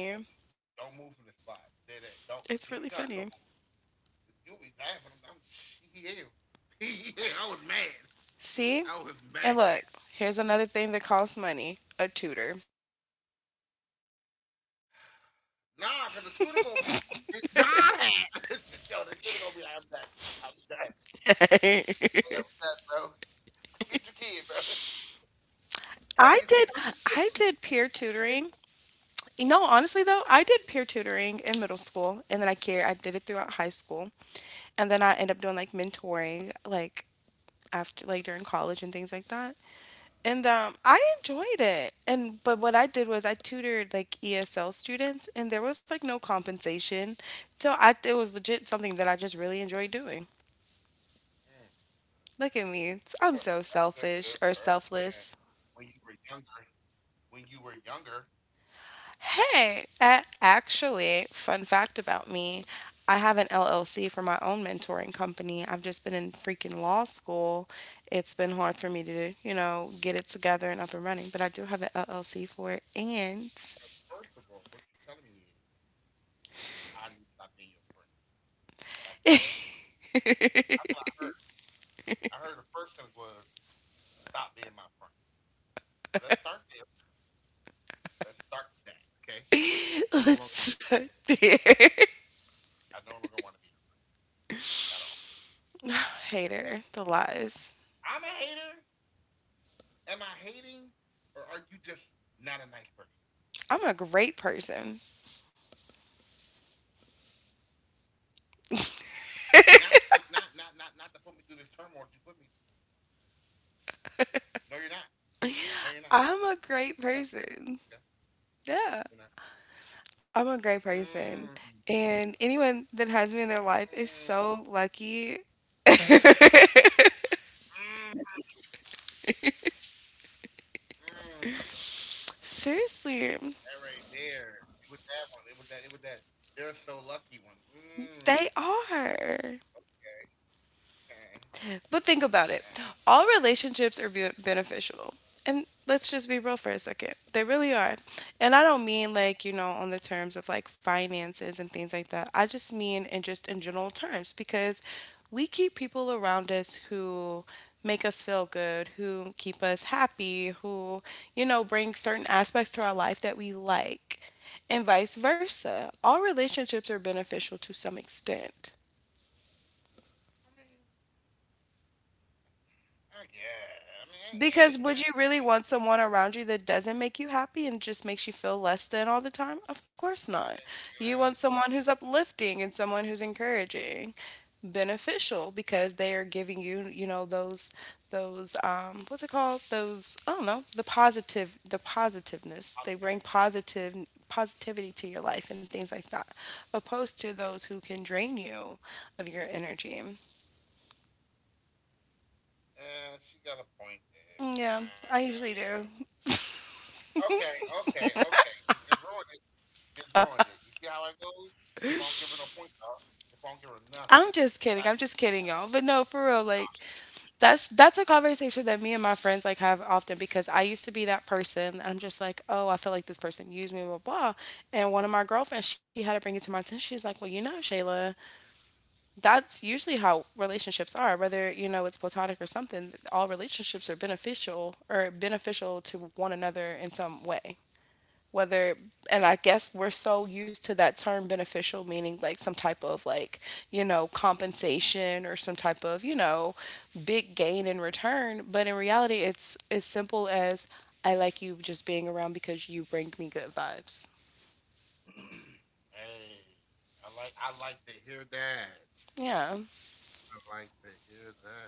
Speaker 2: don't,
Speaker 1: It's really
Speaker 2: don't move
Speaker 1: funny.
Speaker 2: from the spot. Dead ass. Don't until you're done. Don't move. You'll be laughing. I'm yeah. Yeah, I was mad.
Speaker 1: See? And
Speaker 2: I was
Speaker 1: look,
Speaker 2: mad.
Speaker 1: here's another thing that costs money: a tutor.
Speaker 2: Nah, cause the tutor gonna be John had. Yo, the tutor gonna be like, I'm done. I'm done. I'm done, bro. Come get your kid,
Speaker 1: I
Speaker 2: bro.
Speaker 1: did I did peer
Speaker 2: Come get your
Speaker 1: tutoring.
Speaker 2: kid.
Speaker 1: No, honestly though, I did peer tutoring in middle school and then I did it throughout high school. And then I end up doing like mentoring, like, after, like, during college and things like that. And I enjoyed it. And but what I did was I tutored like ESL students and there was like no compensation. So I it was legit something that I just really enjoyed doing.
Speaker 2: Mm,
Speaker 1: Look at me.
Speaker 2: you are
Speaker 1: I'm so
Speaker 2: such a good
Speaker 1: selfish or
Speaker 2: person.
Speaker 1: selfless.
Speaker 2: When you were younger, when you were younger,
Speaker 1: Hey, actually, fun fact about me: I have an
Speaker 2: mm-hmm.
Speaker 1: LLC for my own mentoring company. I've just been in freaking law school. It's been hard for me to, get it together and up and running, but I do have an LLC for it. And
Speaker 2: First of all, what you're telling me is I need to stop being your friend. That's one. That's what I heard. I heard the first sentence was stop being my friend. So let's start there. Let's start with that. Okay. I no longer want
Speaker 1: let's
Speaker 2: to be your
Speaker 1: start
Speaker 2: friend.
Speaker 1: there.
Speaker 2: I no longer want to be your friend at all. Okay.
Speaker 1: Hater, the lies.
Speaker 2: I'm a hater. Am I hating, or are you just not a nice person?
Speaker 1: I'm a great person.
Speaker 2: Not for not not not not to put me through this turmoil that you put me through. No, you're not. No, you're not.
Speaker 1: I'm
Speaker 2: No,
Speaker 1: a
Speaker 2: you're not.
Speaker 1: great
Speaker 2: Okay,
Speaker 1: person.
Speaker 2: you're not.
Speaker 1: Yeah. I'm a great
Speaker 2: Mm,
Speaker 1: person. And anyone that has me in their life
Speaker 2: mm,
Speaker 1: is so lucky.
Speaker 2: mm, mm.
Speaker 1: Seriously,
Speaker 2: That right there. It was that one. It was that. It was that. They're so lucky one. Mm.
Speaker 1: they are.
Speaker 2: Yeah.
Speaker 1: But think about it.
Speaker 2: Uh,
Speaker 1: All relationships are beneficial. And let's just be real for a second. They really are. And I don't mean like, on the terms of like finances and things like that. I just mean in, just in general terms, because we keep people around us who make us feel good, who keep us happy, who, bring certain aspects to our life that we like. And vice versa. All relationships are beneficial to some extent.
Speaker 2: I mean, I guess. I mean,
Speaker 1: Because
Speaker 2: yeah, yeah.
Speaker 1: would you really
Speaker 2: Like,
Speaker 1: want someone around you that doesn't make you happy and just makes you feel less than all the time? Of course not.
Speaker 2: okay,
Speaker 1: You want
Speaker 2: fine.
Speaker 1: someone who's uplifting and someone who's encouraging, beneficial because they are giving you, those what's it called? Those, I don't know, the positive the positiveness.
Speaker 2: I'm
Speaker 1: They bring
Speaker 2: 50. Right.
Speaker 1: positive positivity to your life and things like that. Opposed to those who can drain you of your energy.
Speaker 2: Yeah, she got a point there.
Speaker 1: Mm, yeah, I usually
Speaker 2: Fine.
Speaker 1: do.
Speaker 2: Okay, okay, okay. You just ruined it. Just ruined it. You see how it goes? If I don't give her no points, y'all. If I don't give her nothing,
Speaker 1: I'm just
Speaker 2: it's
Speaker 1: kidding. I'm
Speaker 2: actually
Speaker 1: just kidding, y'all. But no, for real,
Speaker 2: not
Speaker 1: like
Speaker 2: 50.
Speaker 1: that's a conversation that me and my friends like have often because I used to be that person. I'm just like, oh, I feel like this person used me, blah blah. And one of my girlfriends, she had to bring it to my attention. She's like, well, Shayla, that's usually how relationships are. Whether you know it's platonic or something, all relationships are beneficial or beneficial to one another in some way. Whether and I guess we're so used to that term "beneficial" meaning like some type of, like, compensation or some type of, big gain in return. But in reality, it's as simple as I like you just being around because you bring me good vibes.
Speaker 2: Hey, I like to hear that.
Speaker 1: Yeah,
Speaker 2: I like to hear that.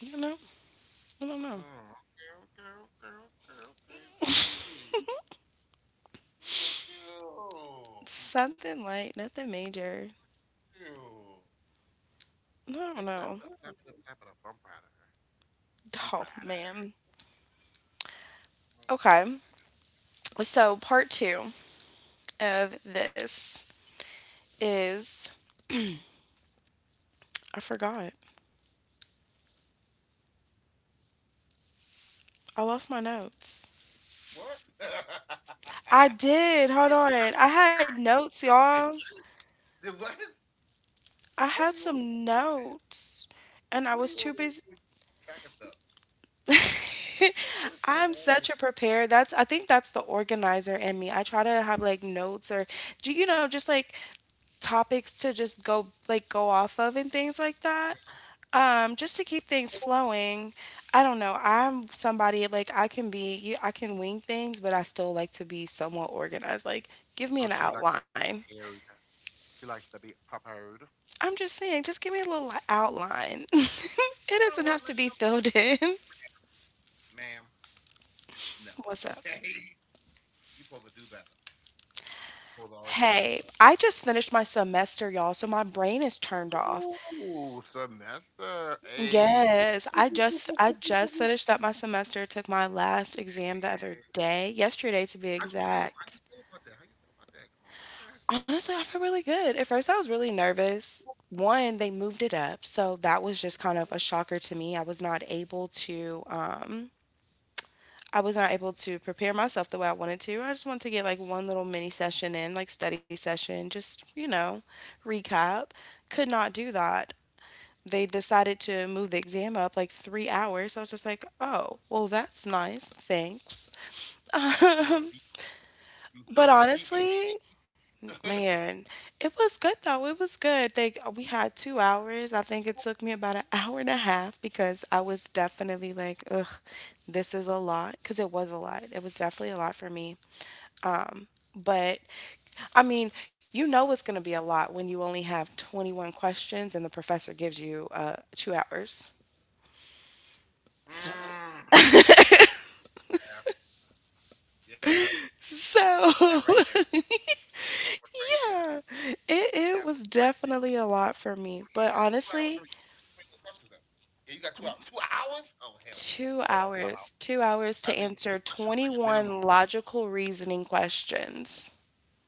Speaker 1: you know I don't know.
Speaker 2: Oh, okay, okay, okay, okay, okay, Jody. Look at you.
Speaker 1: Something light, nothing major.
Speaker 2: You.
Speaker 1: I don't
Speaker 2: Okay, clap it
Speaker 1: know.
Speaker 2: up, clap it up, clap it up. I'm proud of her. I'm
Speaker 1: Oh,
Speaker 2: proud of her.
Speaker 1: man.
Speaker 2: I'm,
Speaker 1: Okay,
Speaker 2: I'm proud of.
Speaker 1: so part two of this is I forgot. I lost my notes.
Speaker 2: What?
Speaker 1: I
Speaker 2: I
Speaker 1: did. Hold on. I had notes,
Speaker 2: can
Speaker 1: y'all.
Speaker 2: say what? Then what?
Speaker 1: I
Speaker 2: What
Speaker 1: had
Speaker 2: are you over there
Speaker 1: some
Speaker 2: doing?
Speaker 1: notes and I
Speaker 2: What are
Speaker 1: was
Speaker 2: you
Speaker 1: too
Speaker 2: over there
Speaker 1: busy.
Speaker 2: doing? Tracking stuff. What is going
Speaker 1: I'm
Speaker 2: on over
Speaker 1: such a preparer. That's I think that's the organizer in me. I try to have like notes or, do you know, just like topics to just go, like, go off of and things like that.
Speaker 2: there?
Speaker 1: Just to keep things flowing. I don't know. I'm somebody, like, I can be, you I can wing things, but I still like to be somewhat organized. Like, give me
Speaker 2: So
Speaker 1: an
Speaker 2: she likes to be
Speaker 1: outline.
Speaker 2: prepared. She likes to be prepared. You
Speaker 1: I'm just saying, just give me a little outline. It
Speaker 2: know
Speaker 1: doesn't
Speaker 2: what,
Speaker 1: have to be filled in.
Speaker 2: ma'am? Ma'am, no.
Speaker 1: What's up?
Speaker 2: Okay. You supposed to do better. You supposed to already have this,
Speaker 1: Hey,
Speaker 2: like.
Speaker 1: I just finished my semester, y'all, so my brain is turned off.
Speaker 2: Ooh, semester. Hey,
Speaker 1: Yes, I just finished up my semester, took my last exam the other day, yesterday to be
Speaker 2: how you feel? How
Speaker 1: exact.
Speaker 2: you feel about that? How you feel about that? Come on, break it down.
Speaker 1: Honestly, I feel really good. At first, I was really nervous. One, they moved it up, so that was just kind of a shocker to me. I was not able to prepare myself the way I wanted to. I just wanted to get like one little mini session in, like study session, just, recap.
Speaker 2: Mm-hmm.
Speaker 1: Could not do that. They decided to move the exam up like 3 hours. I was just like, oh, well, that's nice. Thanks.
Speaker 2: Son of a beep. You son
Speaker 1: But
Speaker 2: of a beep beep
Speaker 1: honestly,
Speaker 2: beep beep.
Speaker 1: man, it was good though. It was good. They we had 2 hours. I think it took me about an hour and a half because I was definitely like, ugh, this is a lot. Because it was a lot. It was definitely a lot for me. But I mean, you know it's going to be a lot when you only have 21 questions and the professor gives you 2 hours.
Speaker 2: Mm,
Speaker 1: So,
Speaker 2: yeah, yeah,
Speaker 1: so,
Speaker 2: that right there. That was right there.
Speaker 1: yeah, it
Speaker 2: That
Speaker 1: was
Speaker 2: was right there.
Speaker 1: definitely a lot for me.
Speaker 2: You
Speaker 1: But
Speaker 2: got 2 hours. How
Speaker 1: honestly,
Speaker 2: many two questions though? Yeah, you got 2 hours. 2 hours? Oh hell no.
Speaker 1: two
Speaker 2: Hold on, time out.
Speaker 1: hours, 2 hours
Speaker 2: I
Speaker 1: to
Speaker 2: mean, each
Speaker 1: answer
Speaker 2: question's like a
Speaker 1: 21
Speaker 2: minimum.
Speaker 1: logical reasoning questions.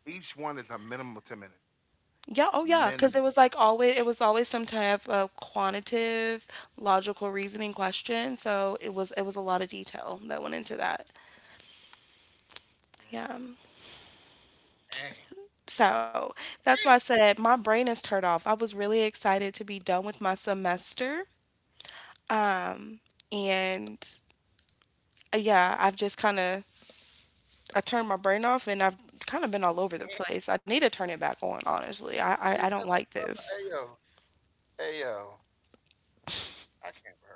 Speaker 2: Each one is a minimum of 10 minutes.
Speaker 1: Yeah, oh yeah, because
Speaker 2: Minimum.
Speaker 1: it was always some type of quantitative logical reasoning question. So it was a lot of detail that went into that.
Speaker 2: Mm.
Speaker 1: Yeah.
Speaker 2: Damn.
Speaker 1: So that's why I
Speaker 2: Hey,
Speaker 1: said my brain is turned off. I was really excited to be done with my semester. And yeah, I've just kind of I turned my brain off and I've kind of been all over the place. I need to turn it back on, honestly. I
Speaker 2: she said, I'm
Speaker 1: don't like
Speaker 2: talking
Speaker 1: this.
Speaker 2: about- hey, yo, hey, yo. I can't with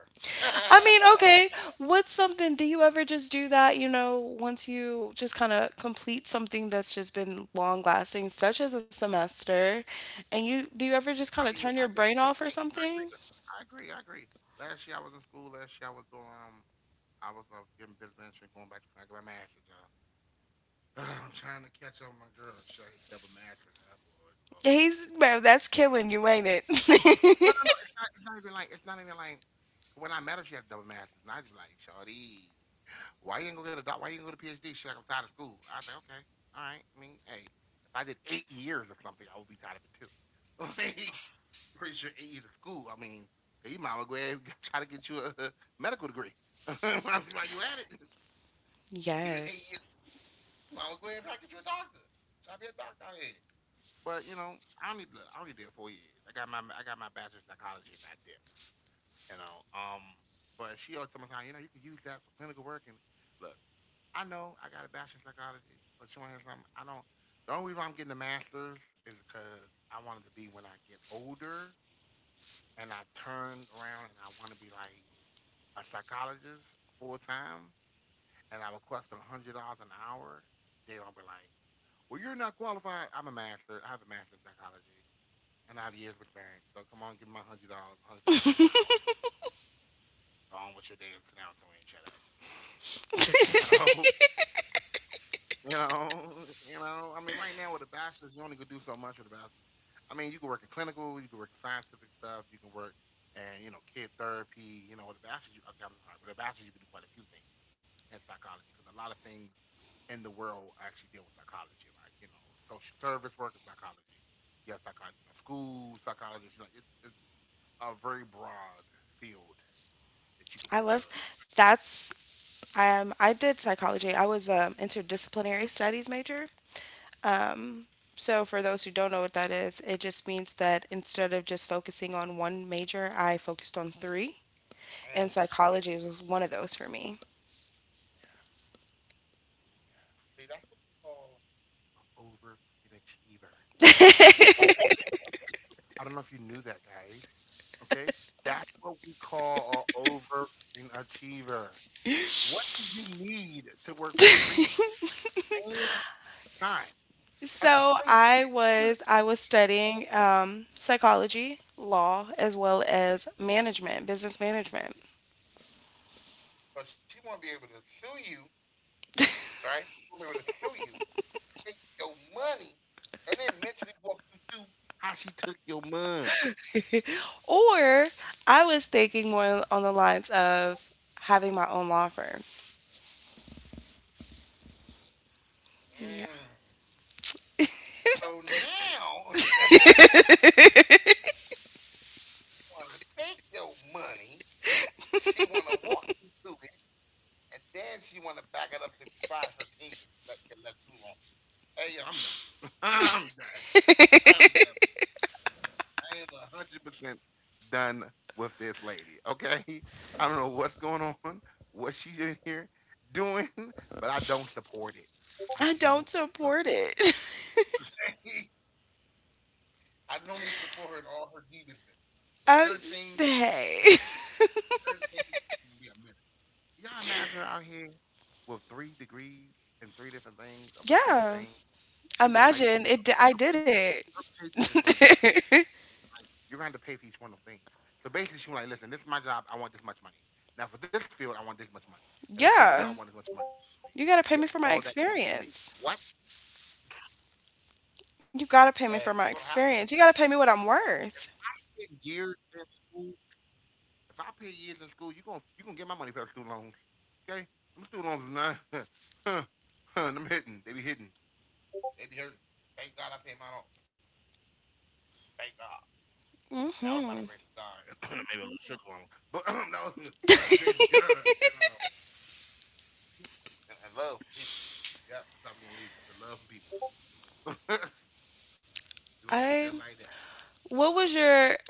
Speaker 1: I mean,
Speaker 2: her.
Speaker 1: okay, what's something do you ever just do that, once you just kind of complete something that's just been long lasting, such as a semester, and you do you ever just kind of
Speaker 2: I
Speaker 1: turn
Speaker 2: mean,
Speaker 1: your
Speaker 2: I
Speaker 1: brain
Speaker 2: did the
Speaker 1: off
Speaker 2: same
Speaker 1: or
Speaker 2: thing. I
Speaker 1: something?
Speaker 2: agree. I agree. I agree. Last year I was in school. Last year I was getting business management, going back to trying to get my master's, y'all. I'm trying to catch up with my girl. She double master. Lord, Lord,
Speaker 1: He's
Speaker 2: Lord, Lord.
Speaker 1: bro, that's killing you, ain't it?
Speaker 2: No, no, no. It's not. It's not even like. It's not even like. When I met her, she had double masters, and I'd be like, "Shawty, why you ain't gonna get a doc? Why you ain't gonna get a PhD?" She's like, "I'm tired of school." I was like, "Okay, all right. I mean, hey, if I did 8 years of something, I would be tired of it too. Like, pretty sure 8 years of school. I mean, you might as well go ahead and try to get you a medical degree. While you at it, even eight
Speaker 1: Yes.
Speaker 2: years, you might as well go ahead and try to get you a doctor. Try to be a doctor out here. But you know, I don't need look, I only did 4 years. I got my bachelor's in psychology and I did you know. Um, but she always told me, "Nah, you can use that for clinical work. And look, I know I got a bachelor's in psychology, but you want to hear something? I don't. The only reason I'm getting a master's is because I wanted to be when I get older and I turn around and I want to be like a psychologist full time and I request $100 an hour. They don't be like, well, you're not qualified. I'm a master. I have a master's in psychology and I have years of experience. So come on, give me my $100, $150 an hour. Go on with your dance damn announcement and shut up. You know, you know, you know. I mean, right now with a bachelor's, you only could do so much with a bachelor's. I mean, you can work in clinical, you can work in scientific stuff, you can work and kid therapy. With a bachelor's, okay, I'm sorry, with a bachelor's you can do quite a few things in psychology because a lot of things in the world actually deal with psychology, like social service work is psychology. You have psychology, school psychologists. It's a very broad field that you can put
Speaker 1: I
Speaker 2: your.
Speaker 1: love that's I did psychology. I was an interdisciplinary studies major. So for those who don't know what that is, it just means that instead of just focusing on one major, I focused on three. And psychology was one of those for me.
Speaker 2: Yeah. See, that's what you call an over freaking achiever. I don't know if you knew that, guys. Okay, that's what we call an over freaking achiever. What did you need to work for three same time at the
Speaker 1: So
Speaker 2: same
Speaker 1: I
Speaker 2: time?
Speaker 1: was I was studying psychology, law, as well as management, business management.
Speaker 2: But she won't be able to sue you, right? She won't be able to sue you, take your money, and then mentally walk you through how she took your money.
Speaker 1: Or I was thinking more on the lines of having my own law firm.
Speaker 2: Mm.
Speaker 1: Yeah.
Speaker 2: So now, you want to take your money. She want to walk you through it, and then she want to back it up. So if you tried, her team could let you off. Hey, yo, I'm done. I'm done. I'm done. I am hundred a hundred percent done with this lady. Okay, I don't know what's going on, what she's in here doing, but I don't support it. I
Speaker 1: I
Speaker 2: don't
Speaker 1: don't
Speaker 2: support.
Speaker 1: support it.
Speaker 2: It. I normally support her in all her grievances, but
Speaker 1: I
Speaker 2: certain
Speaker 1: just,
Speaker 2: things
Speaker 1: hey.
Speaker 2: is a miss. Certain things is gonna be a miss. Y'all imagine her out here with three degrees and three different things of the
Speaker 1: Yeah.
Speaker 2: same thing. She will
Speaker 1: Imagine
Speaker 2: light
Speaker 1: it
Speaker 2: you up.
Speaker 1: I did
Speaker 2: Your
Speaker 1: it.
Speaker 2: paycheck, your paycheck is gonna be light. You're gonna have to pay for each one of them things. So basically, she was like, "Listen, this is my job. I want this much money. Now for this field, I want this much money. And for this field, I
Speaker 1: yeah.
Speaker 2: want this much money. And yet
Speaker 1: You got to
Speaker 2: all
Speaker 1: pay me
Speaker 2: that
Speaker 1: for
Speaker 2: comes
Speaker 1: my
Speaker 2: to me. What?"
Speaker 1: experience. You got to
Speaker 2: Hey,
Speaker 1: pay
Speaker 2: you're
Speaker 1: me
Speaker 2: gonna
Speaker 1: for my
Speaker 2: have to
Speaker 1: experience. You got to pay me what I'm worth.
Speaker 2: spend years in school. If I pay years in school, you gonna get my money for those student loans. Okay, them student loans is not. huh, huh, them hitting. They be hitting. It be hurting. Thank God I paid mine off. Thank God. And that was by the
Speaker 1: Mhm.
Speaker 2: grace of God. But that was by the grace of God and, and love from people. Yeah, that's how we're gonna leave it. The love from people. We're gonna leave it
Speaker 1: I
Speaker 2: just like that.
Speaker 1: what was your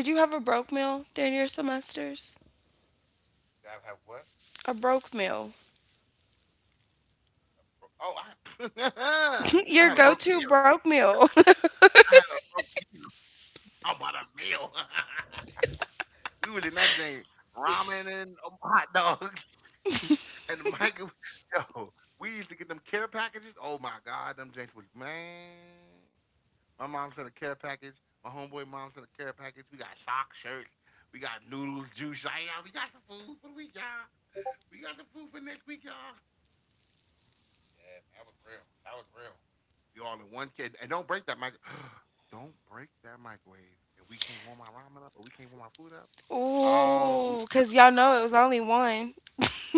Speaker 1: did you have a broke meal during your semesters?
Speaker 2: You gotta have what?
Speaker 1: A broke meal.
Speaker 2: Oh,
Speaker 1: your
Speaker 2: I had a broke
Speaker 1: go-to
Speaker 2: year.
Speaker 1: broke meal.
Speaker 2: I had a broke year. Talk about a meal. We really not saying ramen and hot dogs and the microwave. Yo, we used to get them care packages. Oh my God, them things was man. My mom sent a care package. My homeboy mom sent a care package. We got socks, shirts. We got noodles, juice. Like, y'all, we got some food for the week, y'all. We got some food for next week, y'all. Yeah, man, that was real. That was real. You all in one kid. And don't break that mic. Don't break that microwave. And we can't warm our ramen up or we can't warm our food up. Oh, you
Speaker 1: Ooh, because y'all
Speaker 2: out.
Speaker 1: know it was only one.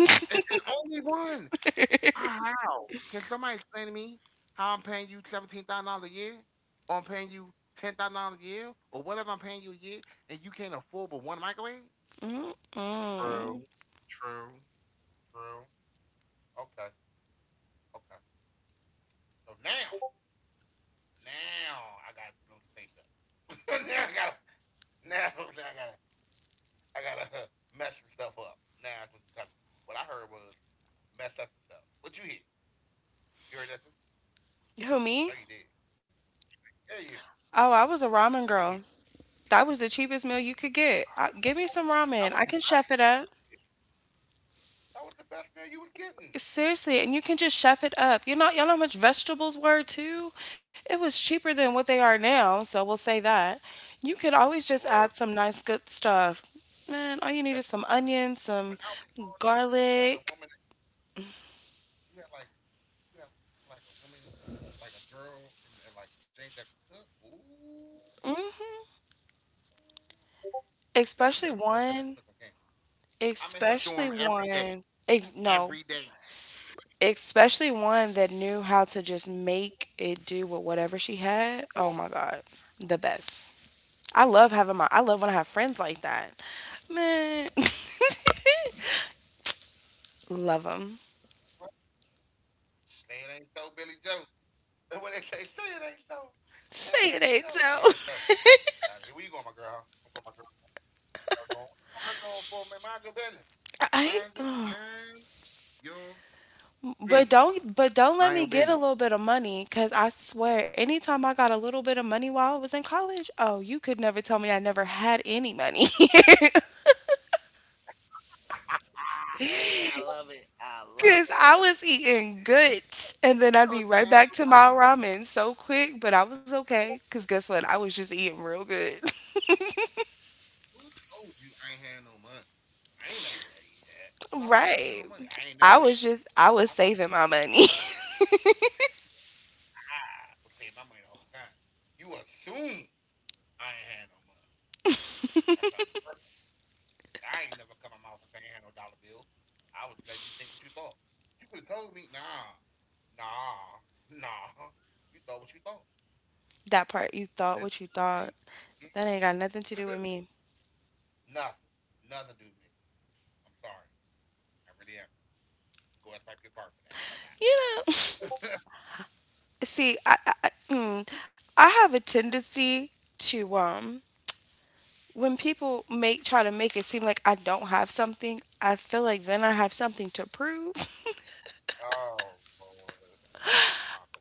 Speaker 2: And only one. Can somebody explain to me how I'm paying you $17,000 a year, or I'm paying you $10,000 a year, or whatever I'm paying you a year, and you can't afford but one microwave?
Speaker 1: Mm-mm.
Speaker 2: True. True. True. Okay. Okay. So now, now I gotta blow the face up. Now I gotta, now I gotta mess some stuff up. Now that's what you're telling me. What I heard was mess up some stuff. What you hear? You heard that? Too? I know
Speaker 1: Who,
Speaker 2: you did.
Speaker 1: me?
Speaker 2: Yeah, you.
Speaker 1: Oh, I was a
Speaker 2: What you
Speaker 1: ramen
Speaker 2: hear?
Speaker 1: girl. That was the cheapest meal you could get. Give me some
Speaker 2: I was
Speaker 1: ramen. I can chef it up.
Speaker 2: surprised. That was the best meal you was getting.
Speaker 1: Seriously, and you can just chef it up. You know, y'all know how much vegetables were too? It was cheaper than what they are now, so we'll say that. You could
Speaker 2: It
Speaker 1: always just
Speaker 2: was
Speaker 1: add some nice good stuff. Man,
Speaker 2: the
Speaker 1: all you
Speaker 2: best.
Speaker 1: need is some onions,
Speaker 2: When I
Speaker 1: some
Speaker 2: was growing up, if you had a woman.
Speaker 1: garlic.
Speaker 2: If you had like a woman, like a girl, and like the Jane that could cook. Ooh, let
Speaker 1: Hmm
Speaker 2: you have a girlfriend that cook on campus. I'm in her
Speaker 1: Especially
Speaker 2: dorm every
Speaker 1: one.
Speaker 2: day, every day.
Speaker 1: Especially one, ex no, especially one that knew how to just make it do with whatever she had. Oh my God, the best. I love when I have friends like that. Man,
Speaker 2: What?
Speaker 1: love them.
Speaker 2: Say it ain't so, Billy Joe. And when they say, say it ain't so, say it ain't so. Yeah, it's so.
Speaker 1: Say it
Speaker 2: Out here,
Speaker 1: ain't
Speaker 2: where you going, my
Speaker 1: so.
Speaker 2: girl? Huh? I'm going, my girl. My girl going. What you going her dorm for, man? Mind your business. Mind your, mind
Speaker 1: I,
Speaker 2: your business. Mind your business.
Speaker 1: but don't let me get a little bit of money, cause I swear, anytime I got a little bit of money while I was in college, oh, you could never tell me I never had any money.
Speaker 2: Ah, hey, I love it. I love it.
Speaker 1: Because I was eating
Speaker 2: Who told
Speaker 1: grits
Speaker 2: you I ain't
Speaker 1: and
Speaker 2: had
Speaker 1: then I'd
Speaker 2: no
Speaker 1: be
Speaker 2: money?
Speaker 1: right back to my ramen so quick, but I was okay. Because guess what? I was just eating real good.
Speaker 2: Who told you I ain't had no money? I ain't never tell you that. But I thought you had no money. I
Speaker 1: Right.
Speaker 2: ain't never tell you. I
Speaker 1: I
Speaker 2: thought you,
Speaker 1: was saving
Speaker 2: I,
Speaker 1: my money.
Speaker 2: I was paying my money the whole time. You assume I ain't had no money. That's how it's working. 'Cause I ain't never come out my mouth and say I ain't had no dollar bills. I was letting you think what you thought. But you could have told me, nah, nah, nah. You thought what you thought.
Speaker 1: That part, you
Speaker 2: Let
Speaker 1: thought what you
Speaker 2: you
Speaker 1: thought. That
Speaker 2: say.
Speaker 1: ain't got nothing to do with me.
Speaker 2: Nothing. Nothing to do with me. I'm sorry. I really am. Go ask my your car for that, because I'm not.
Speaker 1: You know? See, I have a tendency to, when
Speaker 2: hmm
Speaker 1: people make try to make it seem like I don't have something, I feel like then I have something to prove.
Speaker 2: Oh, Lord. It's a spit concert.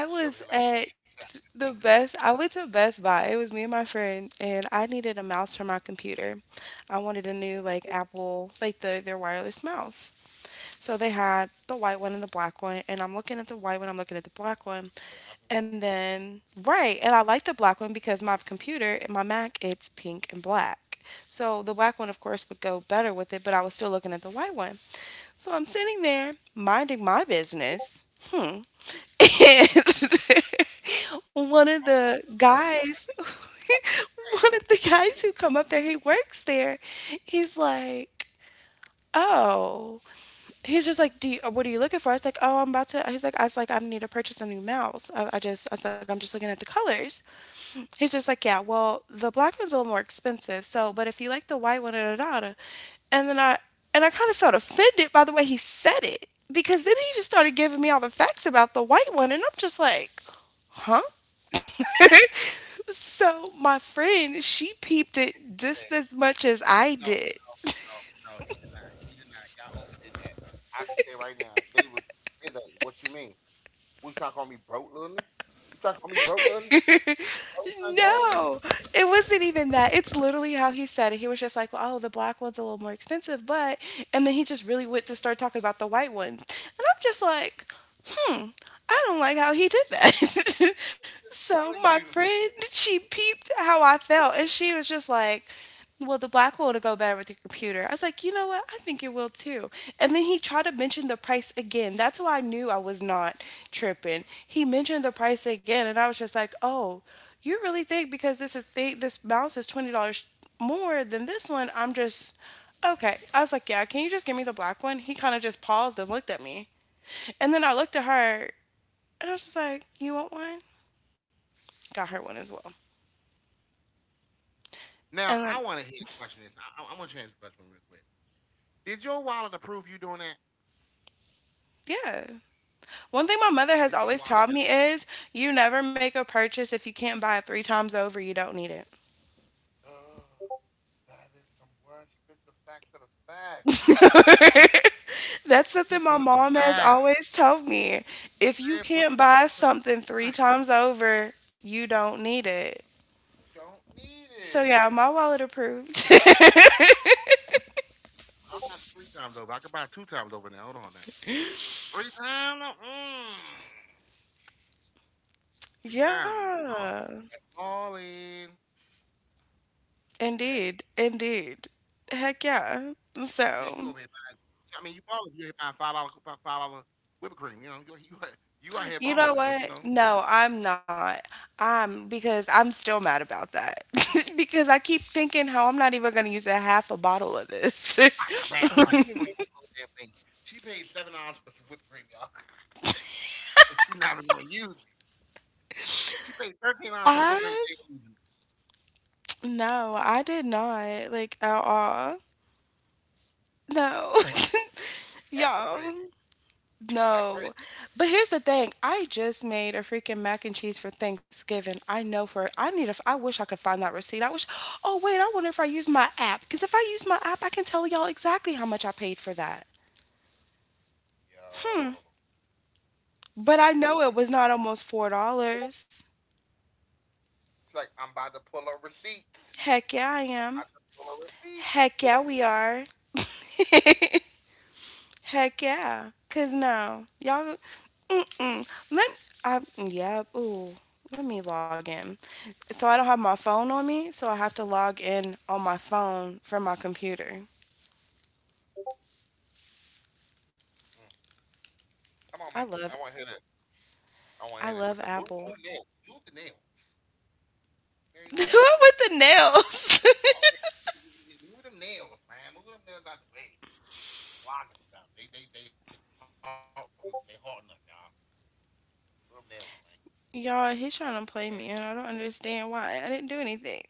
Speaker 1: I
Speaker 2: She'll be here
Speaker 1: was
Speaker 2: like, no, she
Speaker 1: at the
Speaker 2: can't do it.
Speaker 1: best, I went to Best Buy. It was me and my friend, and I needed a mouse for my computer. I wanted a new, like, Apple, like, their wireless mouse. So they had the white one and the
Speaker 2: No,
Speaker 1: black
Speaker 2: Apple.
Speaker 1: one, and I'm looking at the white one, I'm looking at the black one. And then, right, and I like the black one because my computer, my Mac, it's pink and black. So the black one, of course, would go better with it, but I was still looking at the white one. So I'm sitting there minding my business. Hmm, and one of
Speaker 2: She
Speaker 1: the
Speaker 2: was not her
Speaker 1: guys,
Speaker 2: fucking thing.
Speaker 1: one of the guys who come up
Speaker 2: Mhm.
Speaker 1: there, he works there. He's like, oh, he's just like, what are you looking for? I was like, oh, I'm about to. He's like, I was like, I need to purchase a new mouse. I was like, I'm just looking at the colors. He's just like, yeah, well, the black one's a little more expensive. So, but if you like the white one, da da da. da. And then and I kind of felt offended by the way he said it because then he just started giving me all the facts about the white one, and I'm just like huh?
Speaker 2: Ah, he just said to
Speaker 1: So
Speaker 2: her.
Speaker 1: my friend,
Speaker 2: He
Speaker 1: she peeped
Speaker 2: didn't
Speaker 1: it
Speaker 2: say
Speaker 1: just as much as
Speaker 2: any, no,
Speaker 1: I did.
Speaker 2: no, no, no. He did not. He did not. Y'all overdid that. I can say right now, if they was, they like, what you mean? We trying to call me broke, little nigga? You trying to call me broke, little nigga? That what you trying to call me?
Speaker 1: No, it wasn't even that. It's literally how he said it. He was just like, "Well, oh, the black one's a little more expensive, but," and then he just really went to start talking about the white one, and I'm just like, hmm, I don't like how he did that. So
Speaker 2: Telling
Speaker 1: my
Speaker 2: you.
Speaker 1: friend, she peeped how I felt, and she was just like, well, the black will go better with your computer. I was like, you know what? I think it will too. And then he tried to mention the price again. That's why I knew I was not tripping. He mentioned the price again, and I was just like, oh, you really think because this mouse is $20 more than this one? I'm just okay. I was like, yeah. Can you just give me the black one? He kind of just paused and looked at me. And then I looked at her and I was just like, "You want one?" Got her one as well.
Speaker 2: Now
Speaker 1: And then
Speaker 2: I want to hear the question. I'm gonna change the question real quick. Did your wallet approve you doing that?
Speaker 1: yeah. One thing my
Speaker 2: Did
Speaker 1: mother
Speaker 2: your
Speaker 1: has
Speaker 2: wallet?
Speaker 1: always taught me is you never make a purchase if you can't buy it three times over, you don't need it.
Speaker 2: Oh, that is some words. Spit the facts of the facts.
Speaker 1: That's
Speaker 2: For the
Speaker 1: something
Speaker 2: people
Speaker 1: my
Speaker 2: in the
Speaker 1: mom has
Speaker 2: back.
Speaker 1: always told me. If you
Speaker 2: Yeah, for the
Speaker 1: can't buy
Speaker 2: people in the
Speaker 1: something three
Speaker 2: back.
Speaker 1: times over, you don't need it.
Speaker 2: You don't need
Speaker 1: So yeah,
Speaker 2: it.
Speaker 1: my wallet approved.
Speaker 2: I'm not three times over. I could buy two times over now. Hold on now. Three times? Mm. Three times. Oh.
Speaker 1: yeah.
Speaker 2: All in. Okay.
Speaker 1: Indeed. Indeed. Heck
Speaker 2: Yeah,
Speaker 1: yeah.
Speaker 2: you over here buying.
Speaker 1: So
Speaker 2: I mean, you balling. You here buying five dollar whipped cream. You out here balling. So
Speaker 1: you know
Speaker 2: I
Speaker 1: what? No, I'm not. I'm because I'm still mad about that. because I keep thinking how I'm not even going to use a half a bottle of this.
Speaker 2: mean, like, you ain't gonna use the whole damn thing. She paid $7 for some whipped cream, y'all, and she not even gonna use it. She she paid $13 for
Speaker 1: I
Speaker 2: the whipped cream. She ain't gonna use it.
Speaker 1: no, I did not like at all. No,
Speaker 2: Crazy. That's
Speaker 1: y'all,
Speaker 2: crazy. That's
Speaker 1: no.
Speaker 2: crazy.
Speaker 1: But here's the thing: I just made a freaking mac and cheese for Thanksgiving. I know for I need a. I wish I could find that receipt. I wish. Oh wait, I wonder if I use my app, because if I use my app, I can tell y'all exactly how much I paid for that. Hmm.
Speaker 2: Yo, she
Speaker 1: But I
Speaker 2: like, let me.
Speaker 1: know it was not almost $4.
Speaker 2: She's like, I'm about to pull a receipt.
Speaker 1: Heck yeah, I
Speaker 2: I'm
Speaker 1: am.
Speaker 2: about to pull a receipt.
Speaker 1: Heck yeah, we are. Heck yeah. Cause no, y'all. Mm-mm. Let I yeah. Ooh, let me log in. So I don't have my phone on me, so I have to log in on my phone from my computer.
Speaker 2: Mm. Come on, man.
Speaker 1: I
Speaker 2: I
Speaker 1: love
Speaker 2: want to hear this. I want to hear
Speaker 1: I
Speaker 2: this with the
Speaker 1: love
Speaker 2: move, move
Speaker 1: Apple.
Speaker 2: nails, move the nails. Okay?
Speaker 1: With the nails.
Speaker 2: Move them nails, man. Move them nails out the way. Blocking stuff. They halting, they halting us, y'all. Move them nails, man.
Speaker 1: Y'all,
Speaker 2: Okay.
Speaker 1: he's trying to play me, and I don't understand why. I didn't do anything.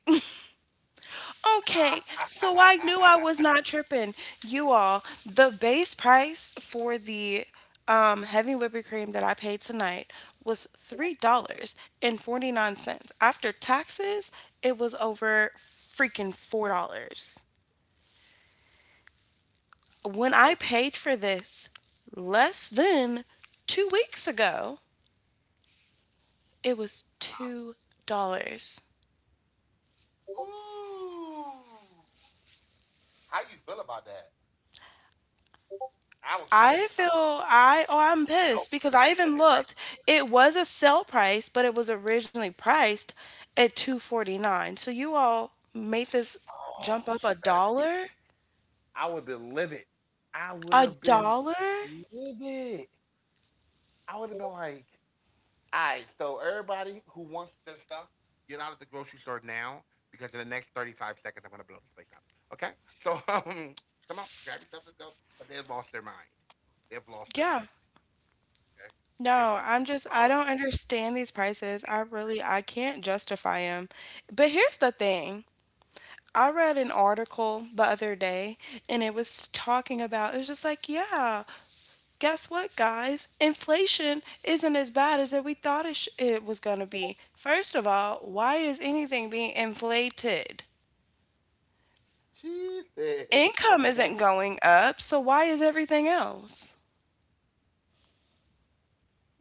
Speaker 1: Okay, so I knew I was not tripping. You all, the base price for the heavy whipping cream that I paid tonight was $3.49. After taxes, it was over freaking $4. When
Speaker 2: Oh.
Speaker 1: I paid for this less than two weeks ago, it was
Speaker 2: Uh-huh.
Speaker 1: $2.
Speaker 2: Ooh. How you feel about that? I would be pissed
Speaker 1: I
Speaker 2: if I
Speaker 1: feel
Speaker 2: was.
Speaker 1: I oh I'm
Speaker 2: I would
Speaker 1: pissed
Speaker 2: be
Speaker 1: because I
Speaker 2: feeling
Speaker 1: even
Speaker 2: it like,
Speaker 1: looked. It was a sale price, but it was originally priced at 2.49. So you all made this jump
Speaker 2: oh,
Speaker 1: up a
Speaker 2: she better.
Speaker 1: dollar?
Speaker 2: I would be livid. I
Speaker 1: A
Speaker 2: would have been
Speaker 1: dollar?
Speaker 2: livid. I would have been like, all right, so everybody who wants this stuff, get out of the grocery store now because in the next 35 seconds, I'm going to blow this place up. Okay? So come on, grab your stuff, let's go. 'Cause they've lost their mind. They've lost their
Speaker 1: Yeah.
Speaker 2: mind. Okay?
Speaker 1: No,
Speaker 2: They've lost their mind.
Speaker 1: I
Speaker 2: So I
Speaker 1: don't
Speaker 2: was.
Speaker 1: understand these prices. I can't justify them. But here's the thing. I read an article the other day and it was talking about it was just like, yeah, guess what, guys? Inflation isn't as bad as that we thought it was going to be. First of all, why is anything being inflated?
Speaker 2: She said.
Speaker 1: Income isn't going up, so why is everything else?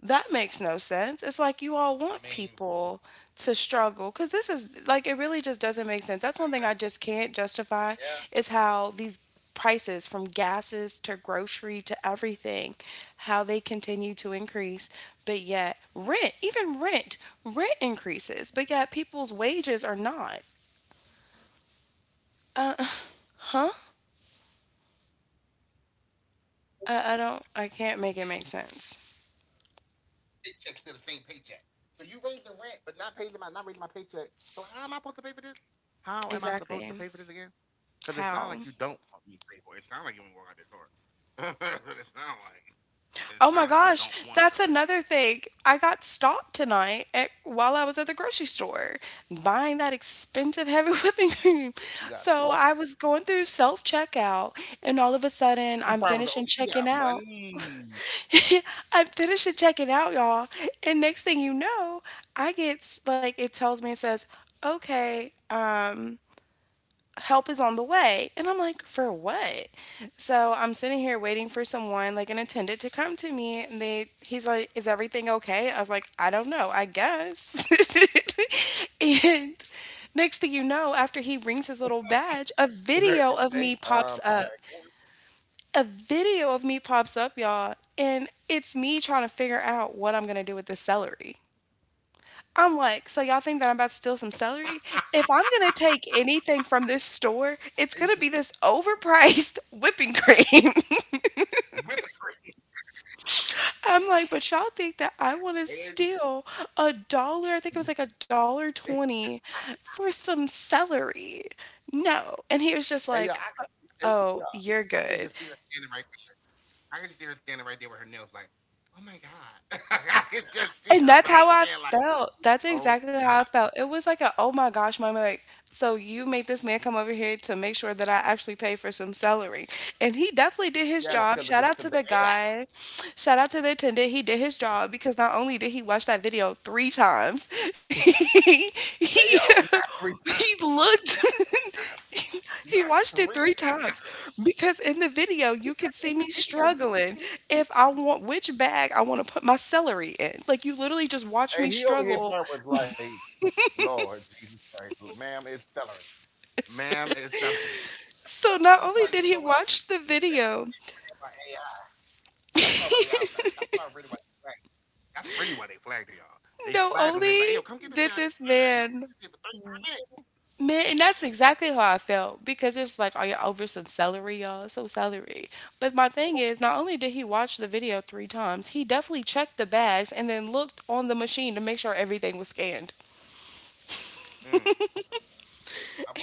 Speaker 1: That makes no sense.
Speaker 2: I
Speaker 1: It's
Speaker 2: mean,
Speaker 1: like you all want people to struggle because this is like it really just
Speaker 2: yeah,
Speaker 1: doesn't make sense. That's one thing I just can't justify is how these prices from gases to grocery to
Speaker 2: that's crazy.
Speaker 1: everything, how they continue to increase. But
Speaker 2: That's
Speaker 1: yet, rent, rent increases, but yet people's wages are not. Uh, huh?
Speaker 2: crazy. Rent being increased on every year, but your
Speaker 1: I
Speaker 2: paycheck's
Speaker 1: can't
Speaker 2: still the
Speaker 1: make it
Speaker 2: same
Speaker 1: make
Speaker 2: paycheck.
Speaker 1: sense.
Speaker 2: So you raising rent, but not raising my paycheck. So how am I supposed to pay for this? How am I supposed to pay for this again? Because it sounds like
Speaker 1: Exactly.
Speaker 2: you don't want me to pay for it. It sounds like you
Speaker 1: How?
Speaker 2: want to walk out this door. It sounds like. It sounds like you don't want your
Speaker 1: Oh my
Speaker 2: rent payment.
Speaker 1: gosh, that's another thing. I got stopped tonight while I was at the grocery store buying that expensive
Speaker 2: You
Speaker 1: heavy
Speaker 2: got
Speaker 1: whipping
Speaker 2: stalked.
Speaker 1: cream. So I was going through self checkout,
Speaker 2: He
Speaker 1: and
Speaker 2: probably was like,
Speaker 1: all
Speaker 2: oh,
Speaker 1: of a
Speaker 2: she got
Speaker 1: sudden, I'm finishing checking
Speaker 2: money.
Speaker 1: out. I'm finishing checking out, y'all. And next thing you know, I get s- like, it tells me, it says, okay, help is on the way. And I'm like, for what? So I'm sitting here waiting for someone, like an attendant, to come to me. And he's like, is everything okay? I was like, I don't know, I guess. And next thing you know, after he rings his
Speaker 2: Is
Speaker 1: little
Speaker 2: there
Speaker 1: badge, a
Speaker 2: okay?
Speaker 1: video of me pops up. A video of me pops up, y'all. And it's me trying to figure out what I'm going to do with this celery. I'm like, so y'all think that I'm about to steal some celery?
Speaker 2: I,
Speaker 1: If I'm gonna take anything from this store, it's gonna be this overpriced whipping cream.
Speaker 2: with the cream.
Speaker 1: I'm like, but y'all think that I want to
Speaker 2: And then-
Speaker 1: steal a dollar? I think it was like a dollar 20 for some celery. No. And he was just
Speaker 2: Hey,
Speaker 1: like,
Speaker 2: yeah, and,
Speaker 1: oh,
Speaker 2: yeah,
Speaker 1: you're
Speaker 2: I could
Speaker 1: good.
Speaker 2: just see her standing right there. I could just see her standing right there with her nails, like, oh my god. I could just see
Speaker 1: And
Speaker 2: her
Speaker 1: that's how
Speaker 2: right
Speaker 1: I
Speaker 2: there, like,
Speaker 1: felt. That's
Speaker 2: oh
Speaker 1: exactly how I
Speaker 2: my.
Speaker 1: felt. It was like a, "Oh my gosh" moment, like, "So you made this man come over here to make sure that I actually pay for some celery." And he definitely did
Speaker 2: Yeah,
Speaker 1: his
Speaker 2: because
Speaker 1: job. Shout
Speaker 2: the
Speaker 1: out to the
Speaker 2: AI,
Speaker 1: guy. Shout out to the attendant. He did his job because not only did he watch that video three times, he, he,
Speaker 2: Ayo,
Speaker 1: he looked
Speaker 2: not three times.
Speaker 1: he
Speaker 2: Not
Speaker 1: watched it three
Speaker 2: three
Speaker 1: times
Speaker 2: times.
Speaker 1: because in the video you could see me struggling if I want which bag I want to put my celery in. Like you literally just watch me
Speaker 2: Hey, he over
Speaker 1: struggle.
Speaker 2: here part was like, Lord Jesus Christ, ma'am, it's celery. Ma'am, it's celery. That's
Speaker 1: So
Speaker 2: really
Speaker 1: not
Speaker 2: probably,
Speaker 1: only
Speaker 2: you know
Speaker 1: did he
Speaker 2: what?
Speaker 1: watch the
Speaker 2: That's
Speaker 1: video,
Speaker 2: probably AI. That's probably AI. That's probably really what they flagged. That's really why they flagged it, y'all. They
Speaker 1: no
Speaker 2: flagged him. They was like, hey, yo, come
Speaker 1: only
Speaker 2: get this guy.
Speaker 1: did this
Speaker 2: Yo, he's
Speaker 1: man
Speaker 2: here for 35 minutes.
Speaker 1: man, and that's exactly how I felt because it's like, are you over some celery, y'all? Some celery. But my thing is, not only did he watch the video three times, he definitely checked the bags and then looked on the machine to make sure everything was scanned.
Speaker 2: Mm,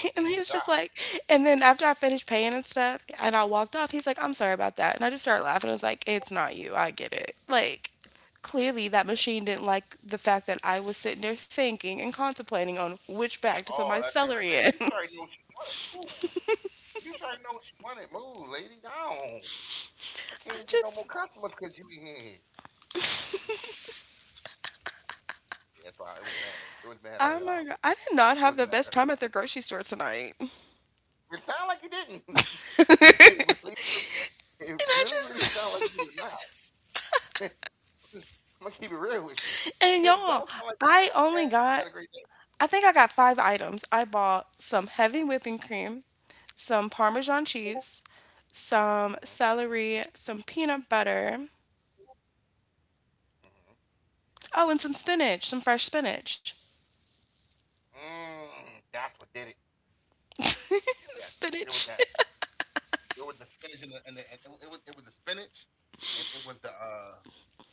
Speaker 2: my boy
Speaker 1: And he
Speaker 2: did
Speaker 1: was
Speaker 2: his
Speaker 1: just
Speaker 2: job
Speaker 1: like, and then after I finished paying and stuff, and I walked off, he's like, "I'm sorry about that." And I just started laughing. I was like, it's not you, I get it. Like, clearly that machine didn't like the fact that I was sitting there thinking and contemplating on which bag
Speaker 2: at
Speaker 1: to put
Speaker 2: all.
Speaker 1: my
Speaker 2: That same
Speaker 1: celery
Speaker 2: lady,
Speaker 1: in.
Speaker 2: you sure already know what you wanted. Move. You sure already know what you wanted. Move, lady. Go on. I can't
Speaker 1: I
Speaker 2: even get no more
Speaker 1: just,
Speaker 2: customers because you in here. Yeah, it's— It was mad. It was mad at
Speaker 1: oh
Speaker 2: her,
Speaker 1: my
Speaker 2: y'all.
Speaker 1: God, I did not
Speaker 2: It
Speaker 1: have
Speaker 2: was
Speaker 1: the
Speaker 2: mad
Speaker 1: best
Speaker 2: at her.
Speaker 1: time at the grocery store tonight.
Speaker 2: It sounded like you didn't. It really, it
Speaker 1: And I
Speaker 2: really, really sounded like you
Speaker 1: just,
Speaker 2: did not. I'm gonna keep it real with you.
Speaker 1: and
Speaker 2: It
Speaker 1: y'all,
Speaker 2: don't sound like
Speaker 1: I only
Speaker 2: you had a great
Speaker 1: got
Speaker 2: day.
Speaker 1: I think I got five items. I bought some heavy whipping cream, some Parmesan cheese, some
Speaker 2: mm hmm
Speaker 1: celery, some peanut butter.
Speaker 2: hmm hmm
Speaker 1: Oh, and some spinach, some fresh spinach.
Speaker 2: That's what did it.
Speaker 1: The
Speaker 2: Yes,
Speaker 1: spinach.
Speaker 2: it was that. It was the spinach and, the, and, the, and it, it was the spinach, and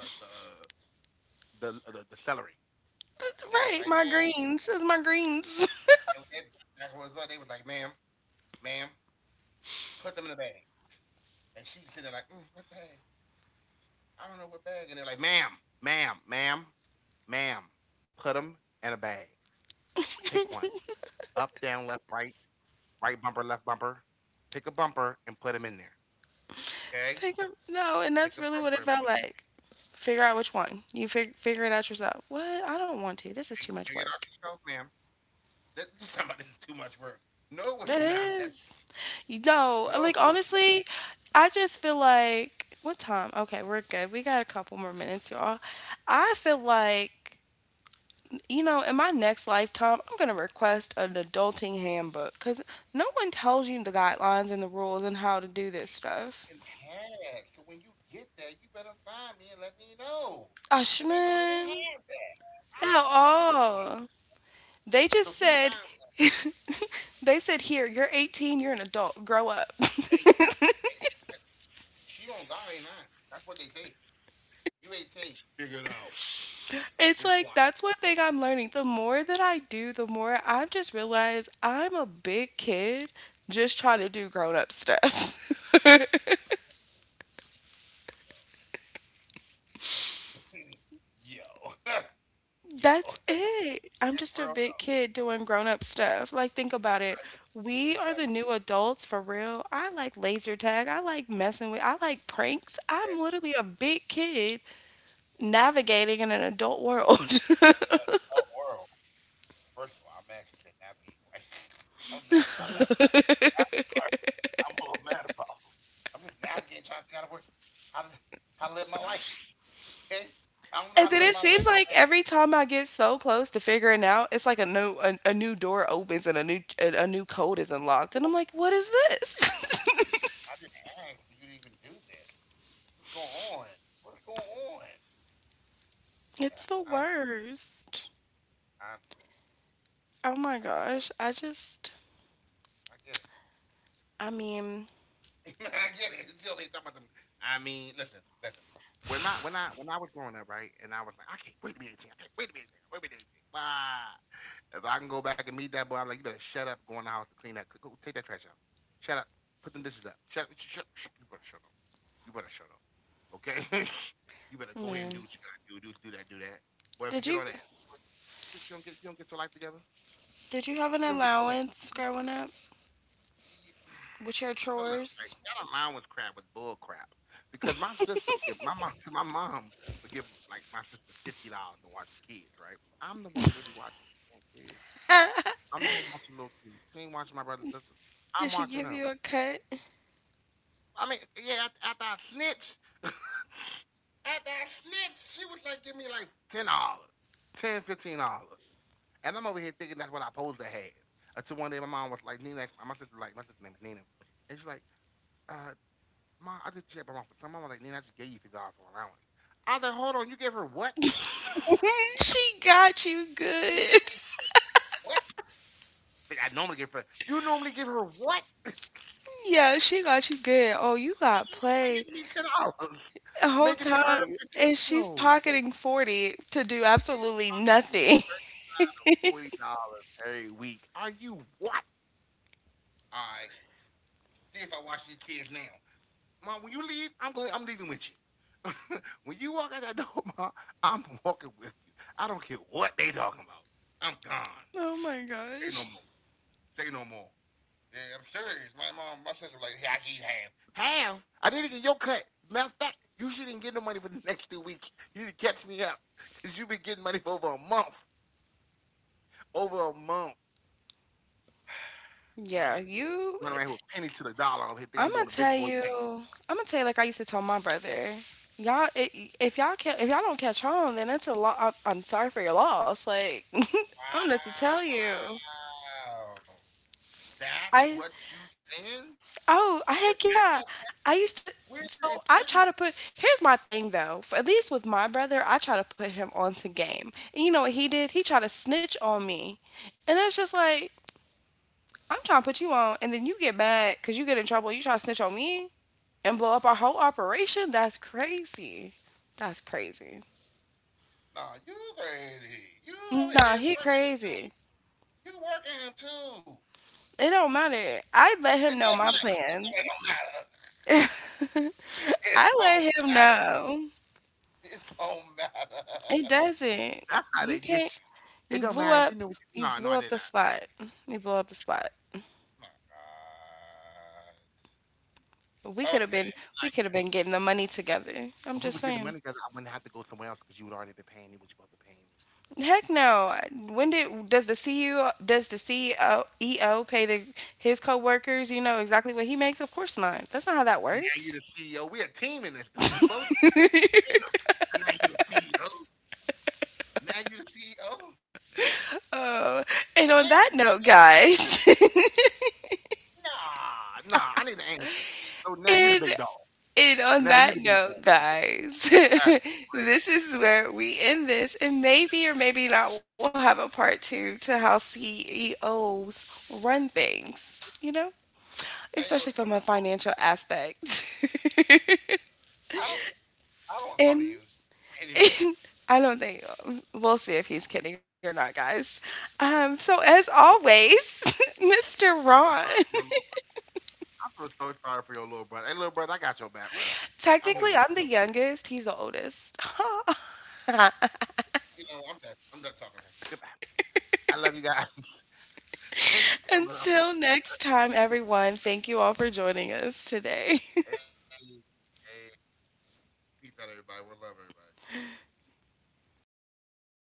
Speaker 2: it was the celery.
Speaker 1: That's right, my
Speaker 2: They was like,
Speaker 1: greens. It's
Speaker 2: ma'am,
Speaker 1: my greens.
Speaker 2: it, was, it, that was what they was like, ma'am, ma'am, put them in the bag. And she was sitting there like, mm, what bag? I don't know what bag. And they're like, ma'am, ma'am, ma'am, put them in a bag. Pick one. Up, down, left, right, right bumper, left bumper. Pick a bumper and put them in there. Okay?
Speaker 1: Pick up. No, and
Speaker 2: Pick
Speaker 1: that's
Speaker 2: a
Speaker 1: really what
Speaker 2: bumper
Speaker 1: it
Speaker 2: and
Speaker 1: felt
Speaker 2: put them in.
Speaker 1: like. Figure out which one. Figure it out yourself. What? I don't want to. This is too much
Speaker 2: Figure it out
Speaker 1: work.
Speaker 2: yourself, ma'am. This is this is too much work. No, it's
Speaker 1: It
Speaker 2: not.
Speaker 1: is. No,
Speaker 2: No,
Speaker 1: like
Speaker 2: it's not
Speaker 1: honestly, I just feel like what time? Okay, we're good. We got a couple more minutes, y'all. I feel like in my next lifetime, I'm gonna request an adulting handbook because no one tells you the guidelines and the rules and how to do this stuff.
Speaker 2: been had. So when you get there, you better find me and let me know.
Speaker 1: Gosh,
Speaker 2: Because they don't even
Speaker 1: man,
Speaker 2: have that.
Speaker 1: not
Speaker 2: I've been looking for one.
Speaker 1: all. They just
Speaker 2: So if you
Speaker 1: said,
Speaker 2: find one—
Speaker 1: they said, here, you're 18, you're an adult, grow up.
Speaker 2: Hey, she on God ain't nine. That's what they say. You 18. Figure it out.
Speaker 1: It's like
Speaker 2: It's
Speaker 1: that's
Speaker 2: like,
Speaker 1: one thing I'm learning. The more that I do, the more I just realize I'm a big kid just trying to do grown-up stuff.
Speaker 2: yo, yo, yo, yo.
Speaker 1: That's
Speaker 2: It's
Speaker 1: it. I'm just a
Speaker 2: real
Speaker 1: big
Speaker 2: though.
Speaker 1: kid doing grown-up stuff. Like think about
Speaker 2: She
Speaker 1: it.
Speaker 2: right— It's
Speaker 1: We are
Speaker 2: three
Speaker 1: the new
Speaker 2: factors.
Speaker 1: adults for real. I like laser tag. I like pranks. I'm
Speaker 2: Yeah,
Speaker 1: literally a big kid
Speaker 2: yeah. And
Speaker 1: navigating in an adult world.
Speaker 2: in the adult world, first of all, I'm actually could navigate. Like, I'm mad about that part. That part, I'm a little mad about. I'm just navigating, trying to figure out how to work, how to, how to live my life. Okay? I don't
Speaker 1: And
Speaker 2: know how
Speaker 1: then
Speaker 2: to
Speaker 1: it
Speaker 2: live my
Speaker 1: seems
Speaker 2: life.
Speaker 1: like every time I get so close to figuring out, it's like a new door opens and a new code is unlocked, and I'm like, what is this?
Speaker 2: I didn't ask for you to even do this. What's going on? What's going on? Yeah,
Speaker 1: It's the
Speaker 2: I,
Speaker 1: worst.
Speaker 2: I understand.
Speaker 1: Oh my
Speaker 2: I get it.
Speaker 1: gosh, I just,
Speaker 2: I get it.
Speaker 1: I mean,
Speaker 2: I get it. Until they talk about them. I mean, listen, listen. When I was growing up, right, and I was like, I can't wait to be 18. I can't wait to be 18. Wait to be 18. Why? If I can go back and meet that boy, I'm like, you better shut up. Go in the house to clean that. Go take that trash out. Shut up. Put them dishes up. Shut up. You better shut up. You better shut up. Okay. You better go ahead and do
Speaker 1: man,
Speaker 2: what you gotta do. Do that. Do that. Boy,
Speaker 1: did
Speaker 2: forget
Speaker 1: you
Speaker 2: all that. You don't get your life together.
Speaker 1: did you have an
Speaker 2: You don't get to, like—
Speaker 1: allowance growing up with your
Speaker 2: Yeah. So look, like,
Speaker 1: chores?
Speaker 2: y'all, mine was bull crap because my sister would give my mom my mom would give, like, my sister $50 to watch the kids. Right, I'm the one really watching the damn kids. I'm the one watching little kids. She ain't watching my brothers and sisters.
Speaker 1: Did she
Speaker 2: I'm
Speaker 1: give
Speaker 2: watching
Speaker 1: you a
Speaker 2: them.
Speaker 1: cut?
Speaker 2: I mean, yeah. After I snitched, after I snitched, she was like, give me like $10, $10, $15, and I'm over here thinking that's what I supposed to have. Until one day, my mom was like, Nina— my sister, like, my sister's name is Nina— and she's like, uh, mom, I just checked my mom for some. Mom was like, Nina, I just gave you $50 for allowance. I was like, hold on, you gave her what?
Speaker 1: She got you
Speaker 2: You
Speaker 1: good.
Speaker 2: gave what? Like, I normally give her. You normally give her what? Like,
Speaker 1: Yeah, she got you good. Oh, you got
Speaker 2: you should be
Speaker 1: played.
Speaker 2: giving me $10,
Speaker 1: The whole
Speaker 2: making me earn
Speaker 1: time,
Speaker 2: 50.
Speaker 1: and she's
Speaker 2: Yo,
Speaker 1: pocketing 40 to do
Speaker 2: she's
Speaker 1: absolutely
Speaker 2: probably—
Speaker 1: nothing.
Speaker 2: $40 every week. Are you what? All right, see if I watch these kids now. Mom, when you leave, I'm going. I'm leaving with you. When you walk out that door, Mom, I'm walking with you. I don't care what they talking about. I'm gone.
Speaker 1: Oh my
Speaker 2: Say no
Speaker 1: gosh.
Speaker 2: more. Say no more. Yeah, I'm serious. My mom— my sister was like, yeah, I give you half. Half? I didn't get your cut. Matter of fact, you shouldn't get no money for the next 2 weeks. You need to catch me up because you've been getting money for over a month. Over a month. I'm right
Speaker 1: Yeah,
Speaker 2: here,
Speaker 1: you
Speaker 2: running right here with penny to the dollar. I here, think
Speaker 1: I'm
Speaker 2: I'm
Speaker 1: gonna
Speaker 2: doing a big
Speaker 1: tell
Speaker 2: boy
Speaker 1: you,
Speaker 2: thing.
Speaker 1: I'm gonna tell you like I used to tell my brother. Y'all I if y'all can not if y'all don't catch on, then it's a lot. I'm sorry for your loss. Like I don't know what to tell you.
Speaker 2: Wow. That's
Speaker 1: I
Speaker 2: what you saying?
Speaker 1: Oh,
Speaker 2: If
Speaker 1: heck
Speaker 2: I
Speaker 1: yeah.
Speaker 2: don't,
Speaker 1: I used to,
Speaker 2: where's
Speaker 1: so
Speaker 2: your
Speaker 1: I try to
Speaker 2: integrity?
Speaker 1: put, here's my thing though. For, at least with my brother, I try to put him onto game. And you know what he did? He tried to snitch on me. And it's just like, I'm trying to put you on, and then you get mad because you get in trouble. You try to snitch on me and blow up our whole operation? That's crazy. That's crazy.
Speaker 2: Nah, you crazy. You
Speaker 1: Nah,
Speaker 2: over
Speaker 1: he
Speaker 2: here working him
Speaker 1: crazy.
Speaker 2: too. You working him too.
Speaker 1: It don't matter. I let him
Speaker 2: It
Speaker 1: know my
Speaker 2: doesn't matter.
Speaker 1: plan.
Speaker 2: It don't matter. It
Speaker 1: I let
Speaker 2: don't
Speaker 1: him
Speaker 2: matter.
Speaker 1: know.
Speaker 2: It don't matter.
Speaker 1: It doesn't.
Speaker 2: That's how
Speaker 1: You
Speaker 2: they
Speaker 1: can't.
Speaker 2: get
Speaker 1: You
Speaker 2: you. It don't
Speaker 1: blew
Speaker 2: matter.
Speaker 1: up.
Speaker 2: You knew what
Speaker 1: You
Speaker 2: you— No,
Speaker 1: blew
Speaker 2: no,
Speaker 1: up
Speaker 2: I
Speaker 1: the
Speaker 2: did not.
Speaker 1: spot. You blew up the spot.
Speaker 2: My
Speaker 1: We
Speaker 2: God.
Speaker 1: could have
Speaker 2: Okay,
Speaker 1: been. We
Speaker 2: I
Speaker 1: could have been getting
Speaker 2: guess.
Speaker 1: the money together. I'm
Speaker 2: If
Speaker 1: just
Speaker 2: we would get the
Speaker 1: saying.
Speaker 2: money together, I wouldn't have to go somewhere else because you would already been paying me what you both been paying me.
Speaker 1: Heck no. When did does the CEO does the CEO pay the his coworkers? You know exactly what he makes. Of course not. That's not how that
Speaker 2: But now
Speaker 1: works.
Speaker 2: you're the CEO. We a team in this though. We both— You know, now you the CEO. Now you the CEO.
Speaker 1: Oh, and on that
Speaker 2: Now,
Speaker 1: note, guys.
Speaker 2: nah, nah. I need an answer. So now you the
Speaker 1: it
Speaker 2: big dog.
Speaker 1: And on
Speaker 2: Now
Speaker 1: that
Speaker 2: you the big
Speaker 1: note,
Speaker 2: dog.
Speaker 1: guys,
Speaker 2: That's great.
Speaker 1: this is where we end this. And maybe or maybe not, we'll have a part two to how CEOs run things, you know,
Speaker 2: Hey, yo,
Speaker 1: especially from a
Speaker 2: I'm not,
Speaker 1: financial aspect.
Speaker 2: I don't. I don't want to talk to
Speaker 1: and,
Speaker 2: you anymore.
Speaker 1: and I don't think we'll see if he's kidding or not, guys.
Speaker 2: Nah,
Speaker 1: So, as
Speaker 2: you broke—
Speaker 1: always, Mr.
Speaker 2: I feel
Speaker 1: Ron.
Speaker 2: sorry for your little brother. I feel so sorry for your little brother. Hey, little brother, I got your back, bro. I'm here
Speaker 1: Technically,
Speaker 2: with you,
Speaker 1: I'm the
Speaker 2: though.
Speaker 1: youngest, he's the oldest.
Speaker 2: You know, I'm done. I'm done talking to her. Goodbye. I love you guys. Thanks for coming out.
Speaker 1: Until next time,
Speaker 2: hey,
Speaker 1: everyone, thank you all for joining us today.
Speaker 2: Hey, peace out, everybody. We love everybody.